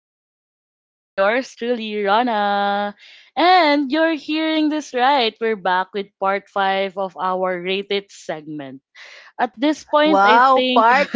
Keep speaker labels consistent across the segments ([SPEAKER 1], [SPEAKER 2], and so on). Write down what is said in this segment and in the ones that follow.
[SPEAKER 1] the Talk. This is yours truly, Rana. And you're hearing this right. We're back with part 5 of our rated segment. At this point, I
[SPEAKER 2] Wow,
[SPEAKER 1] think
[SPEAKER 2] part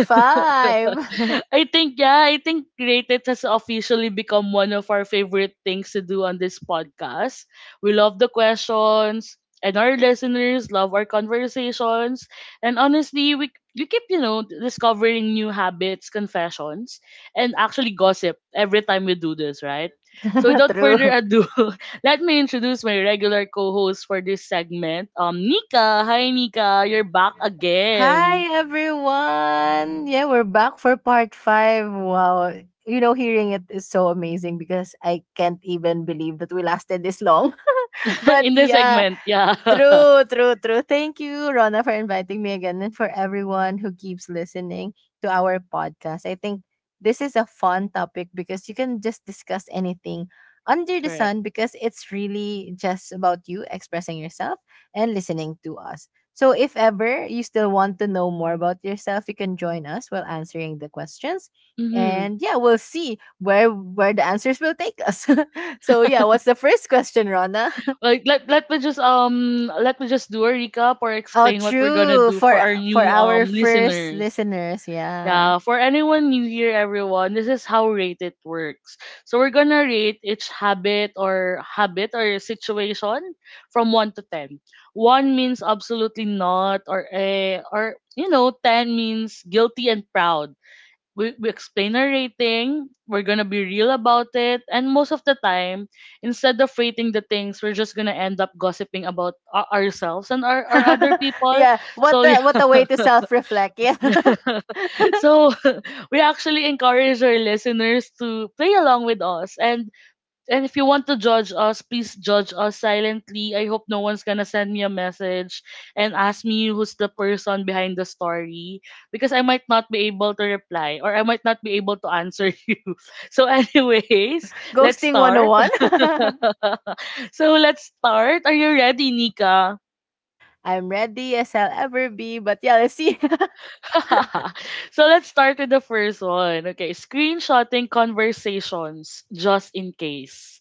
[SPEAKER 2] 5.
[SPEAKER 1] I think yeah, I think rated has officially become one of our favorite things to do on this podcast. We love the questions, and our listeners love our conversations, and honestly, we keep discovering new habits, confessions, and actually gossip every time we do this, right? So without further
[SPEAKER 2] True.
[SPEAKER 1] ado, let me introduce my regular co-host for this segment. Nika, hi Nika, you're back again
[SPEAKER 2] Hi everyone. Yeah, we're back for part 5. Wow. You know, hearing it is so amazing because I can't even believe that we lasted this long. But
[SPEAKER 1] in this
[SPEAKER 2] yeah,
[SPEAKER 1] segment. Yeah.
[SPEAKER 2] true, true, true. Thank you, Rona, for inviting me again and for everyone who keeps listening to our podcast. I think this is a fun topic because you can just discuss anything under the
[SPEAKER 1] Correct.
[SPEAKER 2] sun because it's really just about you expressing yourself and listening to us. So if ever you still want to know more about yourself, you can join us while answering the questions.
[SPEAKER 1] Mm-hmm.
[SPEAKER 2] And yeah, we'll see where the answers will take us. So yeah, what's the first question, Rona?
[SPEAKER 1] Like, let me just do a recap or
[SPEAKER 2] Oh,
[SPEAKER 1] explain what we're gonna
[SPEAKER 2] true.
[SPEAKER 1] do for
[SPEAKER 2] For
[SPEAKER 1] our
[SPEAKER 2] for
[SPEAKER 1] new
[SPEAKER 2] our first
[SPEAKER 1] listeners.
[SPEAKER 2] listeners, yeah.
[SPEAKER 1] Yeah, for anyone new here, everyone, this is how rate it works. So we're gonna rate each habit or situation from one to ten. One means absolutely not, or eh, or you know, ten means guilty and proud. We explain our rating, we're gonna be real about it, and most of the time, instead of rating the things, we're just gonna end up gossiping about ourselves and our other people.
[SPEAKER 2] yeah,
[SPEAKER 1] So yeah,
[SPEAKER 2] what a way to self-reflect. Yeah.
[SPEAKER 1] so we actually encourage our listeners to play along with us, and if you want to judge us, please judge us silently. I hope no one's gonna send me a message and ask me who's the person behind the story, because I might not be able to reply, or I might not be able to answer you. So, anyways, let's
[SPEAKER 2] Ghosting
[SPEAKER 1] start.
[SPEAKER 2] 101.
[SPEAKER 1] so, let's start. Are you ready, Nika?
[SPEAKER 2] I'm ready as I'll ever be, but yeah, let's see.
[SPEAKER 1] Let's start with the first one. Okay, screenshotting conversations just in case.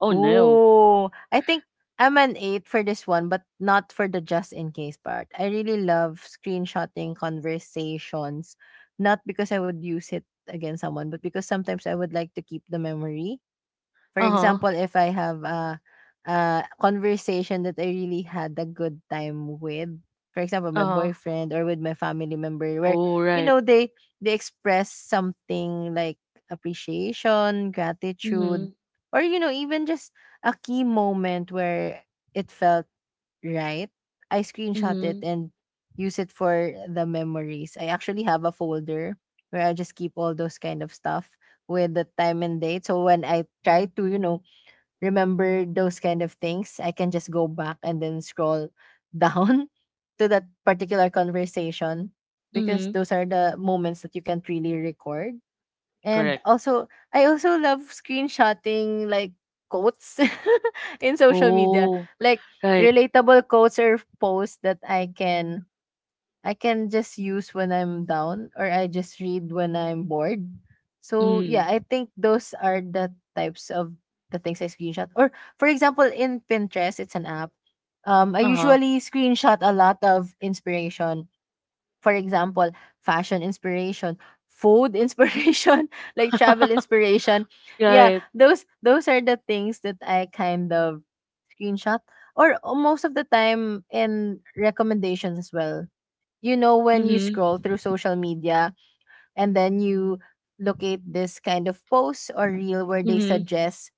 [SPEAKER 1] Oh no.
[SPEAKER 2] Oh, I think I'm an 8 for this one, but not for the just in case part. I really love screenshotting conversations, not because I would use it against someone, but because sometimes I would like to keep the memory. For
[SPEAKER 1] Uh huh.
[SPEAKER 2] example, if I have a conversation that I really had a good time with. For example,
[SPEAKER 1] Uh
[SPEAKER 2] my
[SPEAKER 1] huh.
[SPEAKER 2] boyfriend or with my family member, where
[SPEAKER 1] Oh,
[SPEAKER 2] you
[SPEAKER 1] right.
[SPEAKER 2] know they express something like appreciation, gratitude,
[SPEAKER 1] Mhm,
[SPEAKER 2] or you know even just a key moment where it felt right? I screenshot it
[SPEAKER 1] mhm,
[SPEAKER 2] and use it for the memories. I actually have a folder where I just keep all those kind of stuff with the time and date. So when I try to, you know, remember those kind of things, I can just go back and then scroll down to that particular conversation because
[SPEAKER 1] mhm.
[SPEAKER 2] those are the moments that you can't really record. And
[SPEAKER 1] Correct.
[SPEAKER 2] also, I also love screenshotting like quotes in social media,
[SPEAKER 1] Oh,
[SPEAKER 2] like
[SPEAKER 1] right.
[SPEAKER 2] relatable quotes or posts that I can just use when I'm down or I just read when I'm bored. So yeah,
[SPEAKER 1] Mm,
[SPEAKER 2] I think those are the types of the things I screenshot. Or for example, in Pinterest, it's an app. I
[SPEAKER 1] uh-huh.
[SPEAKER 2] usually screenshot a lot of inspiration. For example, fashion inspiration, food inspiration, like travel inspiration. Yeah,
[SPEAKER 1] Right.
[SPEAKER 2] those are the things that I kind of screenshot, or most of the time in recommendations as well. You know when you
[SPEAKER 1] Mhm,
[SPEAKER 2] scroll through social media and then you locate this kind of post or reel where they
[SPEAKER 1] mhm.
[SPEAKER 2] suggest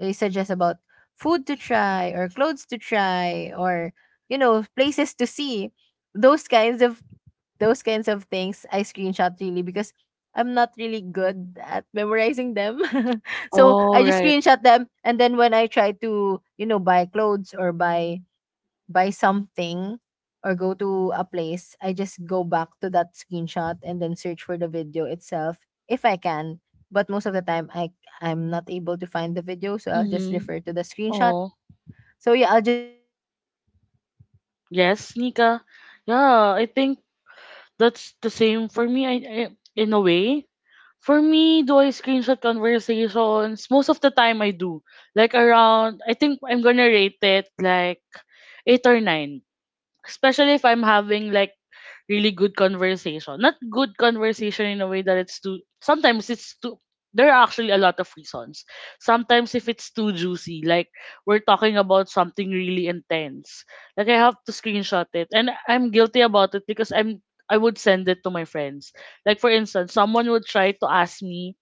[SPEAKER 2] they suggest about food to try or clothes to try or you know places to see, those kinds of those kinds of things I screenshot really because I'm not really good at memorizing them. So
[SPEAKER 1] Oh,
[SPEAKER 2] I just
[SPEAKER 1] right.
[SPEAKER 2] screenshot them, and then when I try to, you know, buy clothes or buy something or go to a place, I just go back to that screenshot and then search for the video itself if I can. But most of the time I'm not able to find the video, so I'll just
[SPEAKER 1] Mhm.
[SPEAKER 2] refer to the screenshot.
[SPEAKER 1] Oh,
[SPEAKER 2] So yeah, I'll just use it as a guide. So that's why I think
[SPEAKER 1] yes,
[SPEAKER 2] it's eight.
[SPEAKER 1] Nika.
[SPEAKER 2] And
[SPEAKER 1] Yeah, I
[SPEAKER 2] I
[SPEAKER 1] think
[SPEAKER 2] think it's eight because
[SPEAKER 1] that's the
[SPEAKER 2] I
[SPEAKER 1] same
[SPEAKER 2] don't
[SPEAKER 1] for
[SPEAKER 2] really
[SPEAKER 1] me. I,
[SPEAKER 2] use
[SPEAKER 1] I
[SPEAKER 2] the just
[SPEAKER 1] in a
[SPEAKER 2] in
[SPEAKER 1] way.
[SPEAKER 2] case
[SPEAKER 1] For
[SPEAKER 2] case of
[SPEAKER 1] me, do I
[SPEAKER 2] screenshot,
[SPEAKER 1] screenshot
[SPEAKER 2] if you know what I
[SPEAKER 1] conversations? Most of
[SPEAKER 2] mean.
[SPEAKER 1] the time, I do. Like
[SPEAKER 2] So I
[SPEAKER 1] around, I
[SPEAKER 2] don't
[SPEAKER 1] think I'm gonna
[SPEAKER 2] really
[SPEAKER 1] rate it like
[SPEAKER 2] I don't
[SPEAKER 1] eight or nine.
[SPEAKER 2] really
[SPEAKER 1] Especially if I'm having like
[SPEAKER 2] hello. I don't
[SPEAKER 1] really good
[SPEAKER 2] really
[SPEAKER 1] conversation. Not good conversation
[SPEAKER 2] use
[SPEAKER 1] in a way
[SPEAKER 2] it.
[SPEAKER 1] that it's too sometimes it's too there are actually a lot of reasons. Sometimes if it's too juicy, like we're talking about something really intense. Like I have to screenshot it, and I'm guilty about it, because I would send it to my friends. Like, for instance, someone would try to ask me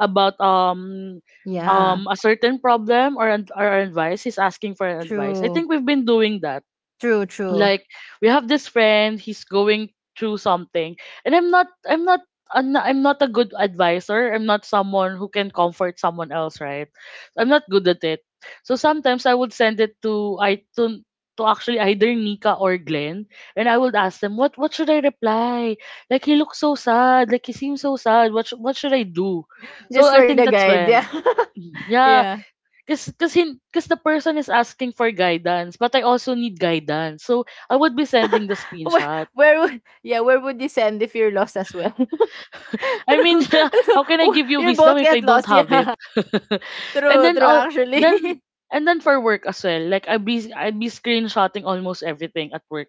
[SPEAKER 1] about
[SPEAKER 2] Yeah.
[SPEAKER 1] a certain problem or advice. He's asking for an advice. I
[SPEAKER 2] True.
[SPEAKER 1] think we've been doing that.
[SPEAKER 2] True, true.
[SPEAKER 1] Like, we have this friend, he's going through something, and I'm not a good advisor, I'm not someone who can comfort someone else, right? I'm not good at it. So sometimes I would send it to, to actually either Nika or Glenn, and I would ask them, what should I reply. Like, he looks so sad, like, he seems so sad. What what should I do? So
[SPEAKER 2] Just
[SPEAKER 1] I
[SPEAKER 2] for
[SPEAKER 1] think
[SPEAKER 2] the
[SPEAKER 1] that's
[SPEAKER 2] guide,
[SPEAKER 1] when.
[SPEAKER 2] yeah.
[SPEAKER 1] Yeah.
[SPEAKER 2] yeah.
[SPEAKER 1] Cause the person is asking for guidance, but I also need guidance. So I would be sending the
[SPEAKER 2] Where,
[SPEAKER 1] screenshot.
[SPEAKER 2] where would yeah, where would you send if you're lost as well?
[SPEAKER 1] I mean,
[SPEAKER 2] True.
[SPEAKER 1] how can I
[SPEAKER 2] Wo
[SPEAKER 1] give you
[SPEAKER 2] you'll
[SPEAKER 1] wisdom
[SPEAKER 2] both
[SPEAKER 1] if I
[SPEAKER 2] get
[SPEAKER 1] don't
[SPEAKER 2] lost,
[SPEAKER 1] have it?
[SPEAKER 2] yeah.
[SPEAKER 1] And
[SPEAKER 2] True,
[SPEAKER 1] then,
[SPEAKER 2] true,
[SPEAKER 1] then,
[SPEAKER 2] actually.
[SPEAKER 1] and then for work as well. Like, I'd be screenshotting almost everything at work.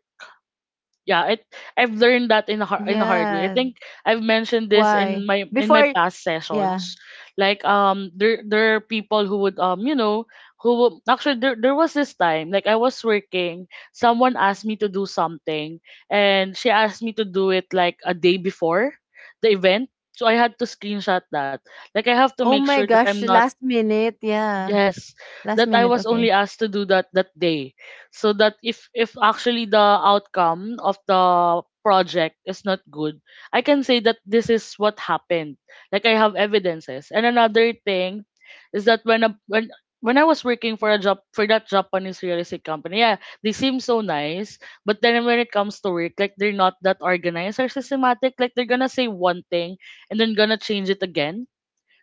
[SPEAKER 1] Yeah, it I've learned that in a hard way, I
[SPEAKER 2] Yeah.
[SPEAKER 1] think. I've mentioned this in
[SPEAKER 2] Why?
[SPEAKER 1] my
[SPEAKER 2] Before
[SPEAKER 1] past
[SPEAKER 2] yeah.
[SPEAKER 1] sessions. Like, there are people who would, actually, there was this time, like, I was working, someone asked me to do something, and she asked me to do it like a day before the event, so I had to screenshot that. Like, I have to
[SPEAKER 2] Oh
[SPEAKER 1] make sure
[SPEAKER 2] my
[SPEAKER 1] that
[SPEAKER 2] gosh,
[SPEAKER 1] I'm not
[SPEAKER 2] last minute, yeah.
[SPEAKER 1] yes,
[SPEAKER 2] Last
[SPEAKER 1] that I
[SPEAKER 2] minute,
[SPEAKER 1] was
[SPEAKER 2] okay.
[SPEAKER 1] only asked to do that that day. So that if actually the outcome of the project is not good, I can say that this is what happened. Like, I have evidences. And another thing is that when when I was working for a job for that Japanese real estate company, yeah, they seem so nice, but then when it comes to work, like, they're not that organized or systematic. Like, they're gonna say one thing and then gonna change it again.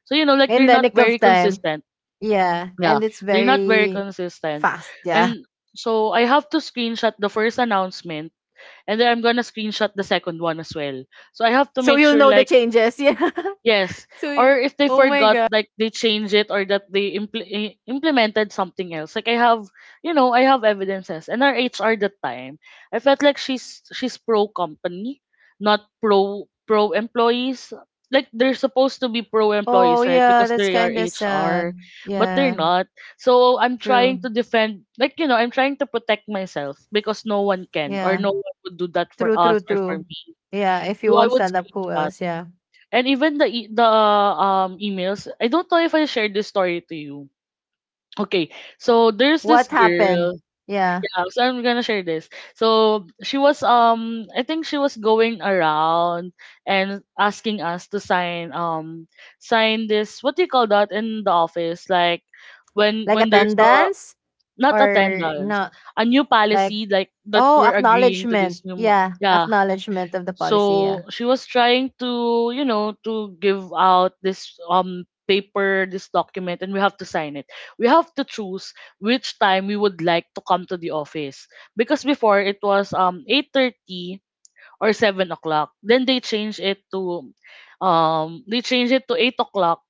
[SPEAKER 1] So, you know, like,
[SPEAKER 2] In
[SPEAKER 1] they're
[SPEAKER 2] the
[SPEAKER 1] not
[SPEAKER 2] nick
[SPEAKER 1] very
[SPEAKER 2] of time.
[SPEAKER 1] consistent.
[SPEAKER 2] Yeah.
[SPEAKER 1] Yeah,
[SPEAKER 2] And it's
[SPEAKER 1] they're not very
[SPEAKER 2] very
[SPEAKER 1] consistent.
[SPEAKER 2] fast, yeah.
[SPEAKER 1] And so I have to screenshot the first announcement, and then I'm gonna screenshot the second one as well. So I have to
[SPEAKER 2] So
[SPEAKER 1] make
[SPEAKER 2] you'll
[SPEAKER 1] sure,
[SPEAKER 2] know the
[SPEAKER 1] like —
[SPEAKER 2] changes, yeah.
[SPEAKER 1] yes,
[SPEAKER 2] So y
[SPEAKER 1] or if they
[SPEAKER 2] oh my
[SPEAKER 1] forgot,
[SPEAKER 2] god.
[SPEAKER 1] like, they change it or that they implemented something else. Like, I have evidences. And our HR that time, I felt like she's pro company, not pro employees. Like, they're supposed to be pro
[SPEAKER 2] Oh
[SPEAKER 1] employees, right?
[SPEAKER 2] yeah,
[SPEAKER 1] Because
[SPEAKER 2] that's
[SPEAKER 1] they are
[SPEAKER 2] kinda sad.
[SPEAKER 1] HR, but they're
[SPEAKER 2] Yeah.
[SPEAKER 1] not. So I'm trying
[SPEAKER 2] True.
[SPEAKER 1] to defend, like, I'm trying to protect myself, because no one can, or
[SPEAKER 2] Yeah.
[SPEAKER 1] no one would do that for
[SPEAKER 2] True, true,
[SPEAKER 1] us or for
[SPEAKER 2] true.
[SPEAKER 1] me.
[SPEAKER 2] Yeah, if you
[SPEAKER 1] So I
[SPEAKER 2] won't
[SPEAKER 1] would
[SPEAKER 2] stand up, who
[SPEAKER 1] screenshot.
[SPEAKER 2] else? Yeah.
[SPEAKER 1] And even the emails, I don't know if I shared this story to you. Okay, so there's this
[SPEAKER 2] What
[SPEAKER 1] girl.
[SPEAKER 2] happened? Yeah.
[SPEAKER 1] Yeah, so I'm gonna share this. So she was I think she was going around and asking us to sign, this — what do you call that in the office, like, when
[SPEAKER 2] Like
[SPEAKER 1] there's a —
[SPEAKER 2] attendance
[SPEAKER 1] not
[SPEAKER 2] or
[SPEAKER 1] attendance,
[SPEAKER 2] not?
[SPEAKER 1] a new
[SPEAKER 2] Like,
[SPEAKER 1] policy, like, that
[SPEAKER 2] oh,
[SPEAKER 1] we're agreeing to
[SPEAKER 2] acknowledgement.
[SPEAKER 1] this new
[SPEAKER 2] Yeah.
[SPEAKER 1] yeah.
[SPEAKER 2] Acknowledgement of the policy.
[SPEAKER 1] So
[SPEAKER 2] Yeah.
[SPEAKER 1] she was trying to, to give out this paper, this document, and we have to sign it. We have to choose which time we would like to come to the office. Because before, it was 8:30 or 7:00. Then they changed it to 8:00.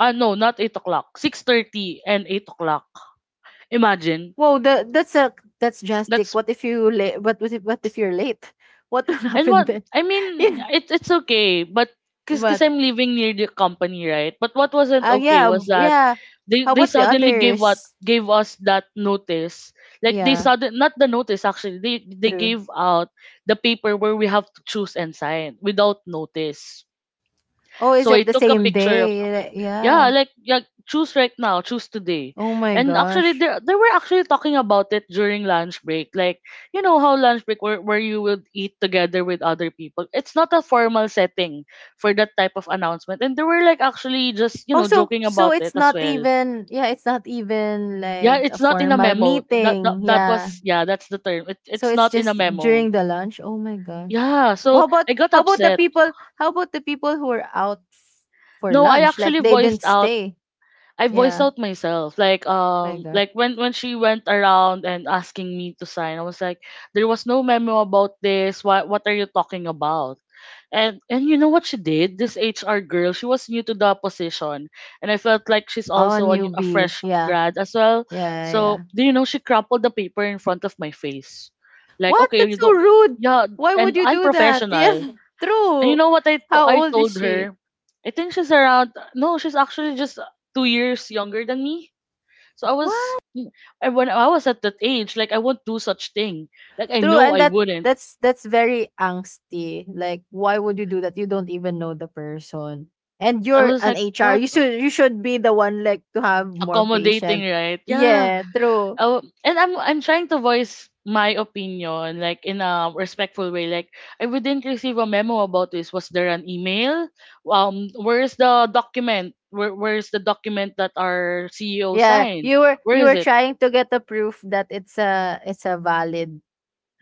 [SPEAKER 1] Ah no, not 8:00. 6:30 and 8:00. Imagine.
[SPEAKER 2] Whoa, the, that's a that's drastic.
[SPEAKER 1] That's —
[SPEAKER 2] What if you late? What if you're late? What will
[SPEAKER 1] and
[SPEAKER 2] happen
[SPEAKER 1] what,
[SPEAKER 2] then?
[SPEAKER 1] I mean,
[SPEAKER 2] Yeah.
[SPEAKER 1] it's okay, but because cause 'cause
[SPEAKER 2] But
[SPEAKER 1] I'm living near the company, right? But what wasn't okay
[SPEAKER 2] yeah,
[SPEAKER 1] was that
[SPEAKER 2] yeah. How
[SPEAKER 1] they
[SPEAKER 2] about the
[SPEAKER 1] suddenly gave, what
[SPEAKER 2] others?
[SPEAKER 1] gave us that notice. Like, they
[SPEAKER 2] Yeah,
[SPEAKER 1] sudden not the notice, actually. They
[SPEAKER 2] true.
[SPEAKER 1] gave out the paper where we have to choose and sign without notice.
[SPEAKER 2] Oh, is
[SPEAKER 1] So I
[SPEAKER 2] it the
[SPEAKER 1] took a
[SPEAKER 2] same
[SPEAKER 1] picture of —
[SPEAKER 2] day?
[SPEAKER 1] yeah,
[SPEAKER 2] Yeah.
[SPEAKER 1] like, yeah, choose right now, choose today.
[SPEAKER 2] Oh my
[SPEAKER 1] And actually
[SPEAKER 2] gosh.
[SPEAKER 1] there they were actually talking about it during lunch break. Like, you know how lunch break, where, you would eat together with other people. It's not a formal setting for that type of announcement. And they were, like, actually just, you
[SPEAKER 2] Oh,
[SPEAKER 1] know,
[SPEAKER 2] so
[SPEAKER 1] joking
[SPEAKER 2] so
[SPEAKER 1] about
[SPEAKER 2] it's
[SPEAKER 1] it as
[SPEAKER 2] not
[SPEAKER 1] well.
[SPEAKER 2] even yeah, it's not even
[SPEAKER 1] Yeah,
[SPEAKER 2] like a
[SPEAKER 1] it's not in a
[SPEAKER 2] formal
[SPEAKER 1] memo. That that,
[SPEAKER 2] meeting.
[SPEAKER 1] that
[SPEAKER 2] Yeah.
[SPEAKER 1] was — yeah, that's the term.
[SPEAKER 2] So
[SPEAKER 1] It's
[SPEAKER 2] it's
[SPEAKER 1] not in a
[SPEAKER 2] just
[SPEAKER 1] memo.
[SPEAKER 2] during the lunch. Oh my gosh.
[SPEAKER 1] Yeah,
[SPEAKER 2] Well,
[SPEAKER 1] so I got
[SPEAKER 2] how about the
[SPEAKER 1] upset.
[SPEAKER 2] people how about the people who were out f- for
[SPEAKER 1] No, I
[SPEAKER 2] lunch? Like
[SPEAKER 1] actually
[SPEAKER 2] they didn't stay.
[SPEAKER 1] voiced
[SPEAKER 2] Yeah.
[SPEAKER 1] out myself. Like,
[SPEAKER 2] Oh my gosh.
[SPEAKER 1] like, when she went around and asking me to sign, I was like, there was no memo about this. What are you talking about? And you know what she did? This HR girl, she was new to the position. And I felt like she's
[SPEAKER 2] Oh, a
[SPEAKER 1] also a, a
[SPEAKER 2] newbie.
[SPEAKER 1] fresh
[SPEAKER 2] Yeah.
[SPEAKER 1] grad as well.
[SPEAKER 2] Yeah, yeah, yeah.
[SPEAKER 1] So do you know she crumpled the paper in front of my face? Like,
[SPEAKER 2] What?
[SPEAKER 1] okay,
[SPEAKER 2] That's
[SPEAKER 1] you
[SPEAKER 2] so
[SPEAKER 1] don't —
[SPEAKER 2] rude.
[SPEAKER 1] yeah,
[SPEAKER 2] Why would
[SPEAKER 1] and
[SPEAKER 2] you do that?
[SPEAKER 1] unprofessional.
[SPEAKER 2] Yeah.
[SPEAKER 1] And you
[SPEAKER 2] True.
[SPEAKER 1] know what
[SPEAKER 2] How
[SPEAKER 1] I
[SPEAKER 2] old is
[SPEAKER 1] told
[SPEAKER 2] she?
[SPEAKER 1] her? I think she's around — no, she's actually just 2 years younger than me. So I was — I when I was at that age, like, I won't do such thing. Like, I
[SPEAKER 2] True,
[SPEAKER 1] know
[SPEAKER 2] and
[SPEAKER 1] I
[SPEAKER 2] that
[SPEAKER 1] wouldn't.
[SPEAKER 2] that's that's very angsty. Like, why would you do that? You don't even know the person, and
[SPEAKER 1] I
[SPEAKER 2] you're
[SPEAKER 1] was
[SPEAKER 2] an
[SPEAKER 1] like,
[SPEAKER 2] HR.
[SPEAKER 1] what?
[SPEAKER 2] You should be the one like to have more
[SPEAKER 1] Accommodating,
[SPEAKER 2] patience.
[SPEAKER 1] right? Yeah.
[SPEAKER 2] Yeah, true.
[SPEAKER 1] And I'm trying to voice my opinion, like, in a respectful way. Like, I didn't receive a memo about this. Was there an email? Where's the document? Where's the document that our CEO
[SPEAKER 2] Yeah,
[SPEAKER 1] signed?
[SPEAKER 2] you were
[SPEAKER 1] Where
[SPEAKER 2] you
[SPEAKER 1] is
[SPEAKER 2] were
[SPEAKER 1] it?
[SPEAKER 2] trying to get a proof that it's a valid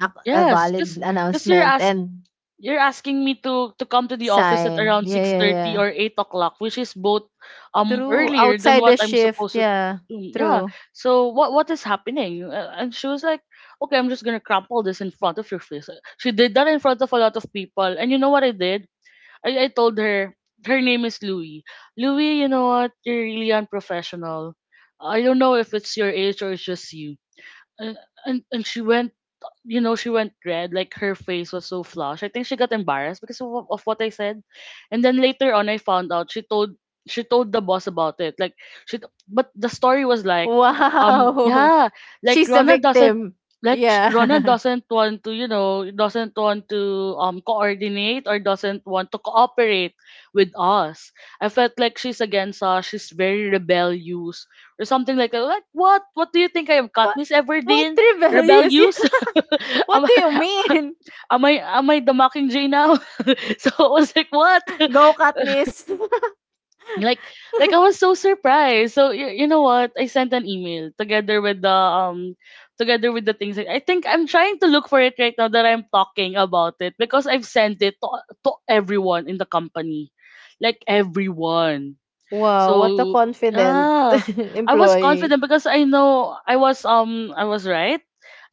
[SPEAKER 2] ac- a
[SPEAKER 1] Yes,
[SPEAKER 2] valid
[SPEAKER 1] cause cause you're
[SPEAKER 2] announcement
[SPEAKER 1] ask
[SPEAKER 2] and
[SPEAKER 1] you're asking me to come to the office at
[SPEAKER 2] sign.
[SPEAKER 1] around
[SPEAKER 2] Yeah,
[SPEAKER 1] six
[SPEAKER 2] yeah,
[SPEAKER 1] thirty
[SPEAKER 2] yeah.
[SPEAKER 1] or eight o'clock, which is both
[SPEAKER 2] True.
[SPEAKER 1] earlier than
[SPEAKER 2] Outside
[SPEAKER 1] what
[SPEAKER 2] the
[SPEAKER 1] I'm
[SPEAKER 2] shift.
[SPEAKER 1] supposed to
[SPEAKER 2] Yeah,
[SPEAKER 1] do. Yeah.
[SPEAKER 2] true.
[SPEAKER 1] So what is happening? And she was like, "Okay, I'm just gonna crumple this in front of your face." She did that in front of a lot of people, and you know what I did? I told her — her name is Louie. Louie, you know what? You're really unprofessional. I don't know if it's your age or it's just you. And and she went, red. Like, her face was so flushed. I think she got embarrassed because of what I said. And then later on, I found out she told the boss about it. Like but the story was like, um,
[SPEAKER 2] Wow.
[SPEAKER 1] yeah, like
[SPEAKER 2] She's the
[SPEAKER 1] Rona doesn't
[SPEAKER 2] victim.
[SPEAKER 1] Rona
[SPEAKER 2] Yeah.
[SPEAKER 1] doesn't want to, doesn't want to coordinate or doesn't want to cooperate with us. I felt like she's against us. She's very rebellious or something like that. Like what? What do you think I am,
[SPEAKER 2] What
[SPEAKER 1] Katniss
[SPEAKER 2] what
[SPEAKER 1] Everdeen?
[SPEAKER 2] rebellious?
[SPEAKER 1] Rebellious? am
[SPEAKER 2] What
[SPEAKER 1] I
[SPEAKER 2] do you mean?
[SPEAKER 1] am I am I the Mockingjay now? So I was like, what?
[SPEAKER 2] Go, Katniss.
[SPEAKER 1] like like I was so surprised. So you know what? I sent an email together with the things. I think I'm trying to look for it right now that I'm talking about it because I've sent it to everyone in the company. Like everyone.
[SPEAKER 2] wow, what a
[SPEAKER 1] So
[SPEAKER 2] confident
[SPEAKER 1] ah I was
[SPEAKER 2] employee.
[SPEAKER 1] confident because I know I was right.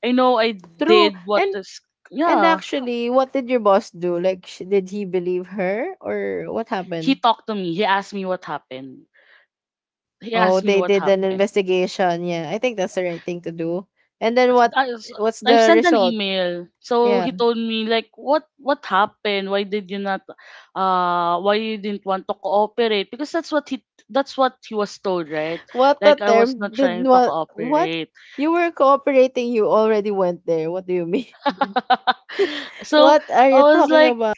[SPEAKER 1] I know I
[SPEAKER 2] True.
[SPEAKER 1] did what
[SPEAKER 2] And
[SPEAKER 1] is
[SPEAKER 2] and
[SPEAKER 1] yeah
[SPEAKER 2] actually, what did your boss do? Like, sh- did he believe her or what
[SPEAKER 1] he
[SPEAKER 2] happened?
[SPEAKER 1] talked to me. He asked me what happened. He
[SPEAKER 2] Oh,
[SPEAKER 1] asked me
[SPEAKER 2] they
[SPEAKER 1] what
[SPEAKER 2] did an
[SPEAKER 1] happened.
[SPEAKER 2] investigation. Yeah, I think that's the right thing to do. And then what?
[SPEAKER 1] i I, s-
[SPEAKER 2] What's
[SPEAKER 1] I
[SPEAKER 2] the
[SPEAKER 1] sent an
[SPEAKER 2] result?
[SPEAKER 1] email. So
[SPEAKER 2] Yeah.
[SPEAKER 1] he told me like what happened? Why did you not why you didn't want to cooperate? Because that's what he was told, right?
[SPEAKER 2] What the
[SPEAKER 1] Like I was
[SPEAKER 2] term
[SPEAKER 1] not
[SPEAKER 2] did
[SPEAKER 1] trying to
[SPEAKER 2] what? What?
[SPEAKER 1] cooperate.
[SPEAKER 2] You were cooperating. You already went there. What do you mean?
[SPEAKER 1] So
[SPEAKER 2] What are you
[SPEAKER 1] I was
[SPEAKER 2] talking
[SPEAKER 1] like
[SPEAKER 2] about?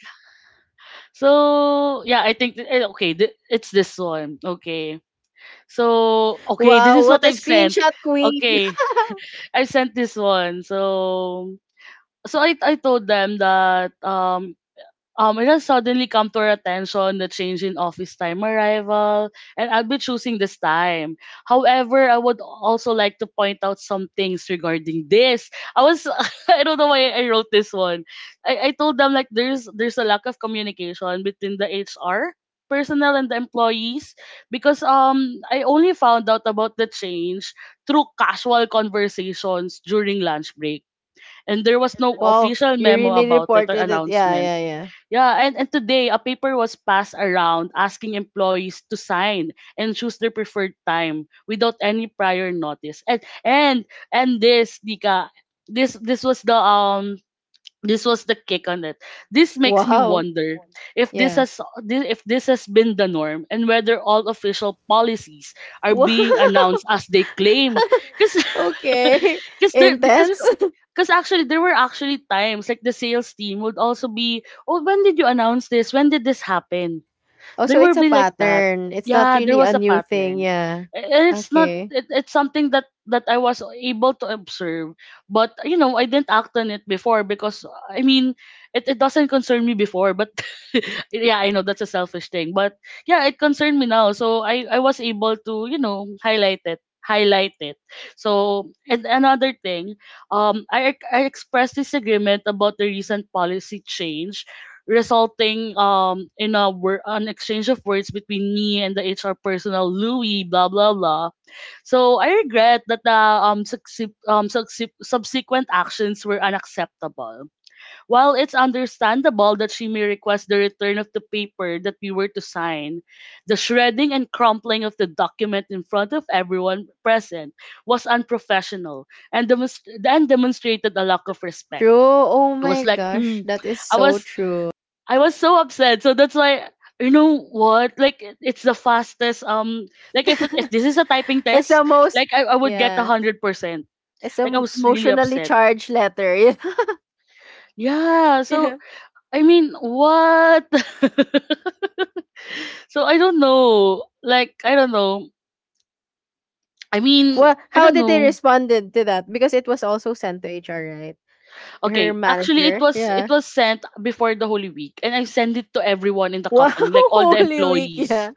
[SPEAKER 1] yeah, I think okay, it's this one. Okay. So okay, this
[SPEAKER 2] Wow,
[SPEAKER 1] is
[SPEAKER 2] what
[SPEAKER 1] what
[SPEAKER 2] a
[SPEAKER 1] I've sent.
[SPEAKER 2] screenshot queen.
[SPEAKER 1] Okay, I've sent this one. So I told them that it has suddenly come to our attention the change in office time arrival, and I'll be choosing this time. However, I would also like to point out some things regarding this. I was I don't know why I wrote this one. I told them like there's a lack of communication between the HR personnel and the employees because I only found out about the change through casual conversations during lunch break, and there was no
[SPEAKER 2] Wow,
[SPEAKER 1] official
[SPEAKER 2] you
[SPEAKER 1] memo
[SPEAKER 2] really
[SPEAKER 1] about it or
[SPEAKER 2] reported it. Yeah,
[SPEAKER 1] announcement.
[SPEAKER 2] yeah, yeah.
[SPEAKER 1] Yeah, and today a paper was passed around asking employees to sign and choose their preferred time without any prior notice. And this, Dika, this this was the um this was the kick on it. This makes me
[SPEAKER 2] Wow.
[SPEAKER 1] wonder
[SPEAKER 2] Yeah.
[SPEAKER 1] if this has been the norm and whether all official policies are
[SPEAKER 2] Wow.
[SPEAKER 1] being announced as they claim. Because
[SPEAKER 2] Okay.
[SPEAKER 1] Because there, because
[SPEAKER 2] Intense.
[SPEAKER 1] because actually there were actually times like the sales team would also be, oh, when did you announce this? When did this happen?
[SPEAKER 2] Oh,
[SPEAKER 1] There
[SPEAKER 2] so
[SPEAKER 1] will
[SPEAKER 2] it's a
[SPEAKER 1] be like that.
[SPEAKER 2] pattern. It's not
[SPEAKER 1] Yeah, there
[SPEAKER 2] really
[SPEAKER 1] was
[SPEAKER 2] a
[SPEAKER 1] a
[SPEAKER 2] new thing.
[SPEAKER 1] pattern.
[SPEAKER 2] Yeah.
[SPEAKER 1] And it's not
[SPEAKER 2] Okay.
[SPEAKER 1] it, it's something that I was able to observe, but you know, I didn't act on it before because I mean, it doesn't concern me before, but yeah, I know that's a selfish thing, but yeah, it concerned me now. So I was able to, you know, highlight it, highlight it. So and another thing, I expressed disagreement about the recent policy change resulting in a an exchange of words between me and the HR personnel Louis blah blah blah. So I regret that the subsequent actions were unacceptable. While it's understandable that she may request the return of the paper that we were to sign, the shredding and crumpling of the document in front of everyone present was unprofessional and, demonstrated a lack of respect.
[SPEAKER 2] True. Oh
[SPEAKER 1] It
[SPEAKER 2] my
[SPEAKER 1] was like,
[SPEAKER 2] gosh. That is
[SPEAKER 1] I
[SPEAKER 2] so
[SPEAKER 1] was
[SPEAKER 2] true.
[SPEAKER 1] I was so upset. So that's why, you know what? Like it's the fastest. Like if this is a typing
[SPEAKER 2] It's
[SPEAKER 1] test,
[SPEAKER 2] the most,
[SPEAKER 1] like I would get a
[SPEAKER 2] yeah.
[SPEAKER 1] hundred percent.
[SPEAKER 2] It's
[SPEAKER 1] Like I
[SPEAKER 2] an
[SPEAKER 1] was really
[SPEAKER 2] emotionally
[SPEAKER 1] upset.
[SPEAKER 2] charged letter.
[SPEAKER 1] Yeah.
[SPEAKER 2] Yeah. Yeah.
[SPEAKER 1] So I mean, what? So I don't know. Like I don't know. I mean,
[SPEAKER 2] Well,
[SPEAKER 1] I
[SPEAKER 2] how
[SPEAKER 1] don't
[SPEAKER 2] did they
[SPEAKER 1] know.
[SPEAKER 2] responded to that? Because it was also sent to HR, right? Her
[SPEAKER 1] Okay, actually,
[SPEAKER 2] manager.
[SPEAKER 1] it
[SPEAKER 2] Yeah.
[SPEAKER 1] was sent before the Holy Week, and I sent it to everyone in the
[SPEAKER 2] Wow,
[SPEAKER 1] company, like all the
[SPEAKER 2] Holy Week,
[SPEAKER 1] employees.
[SPEAKER 2] yeah.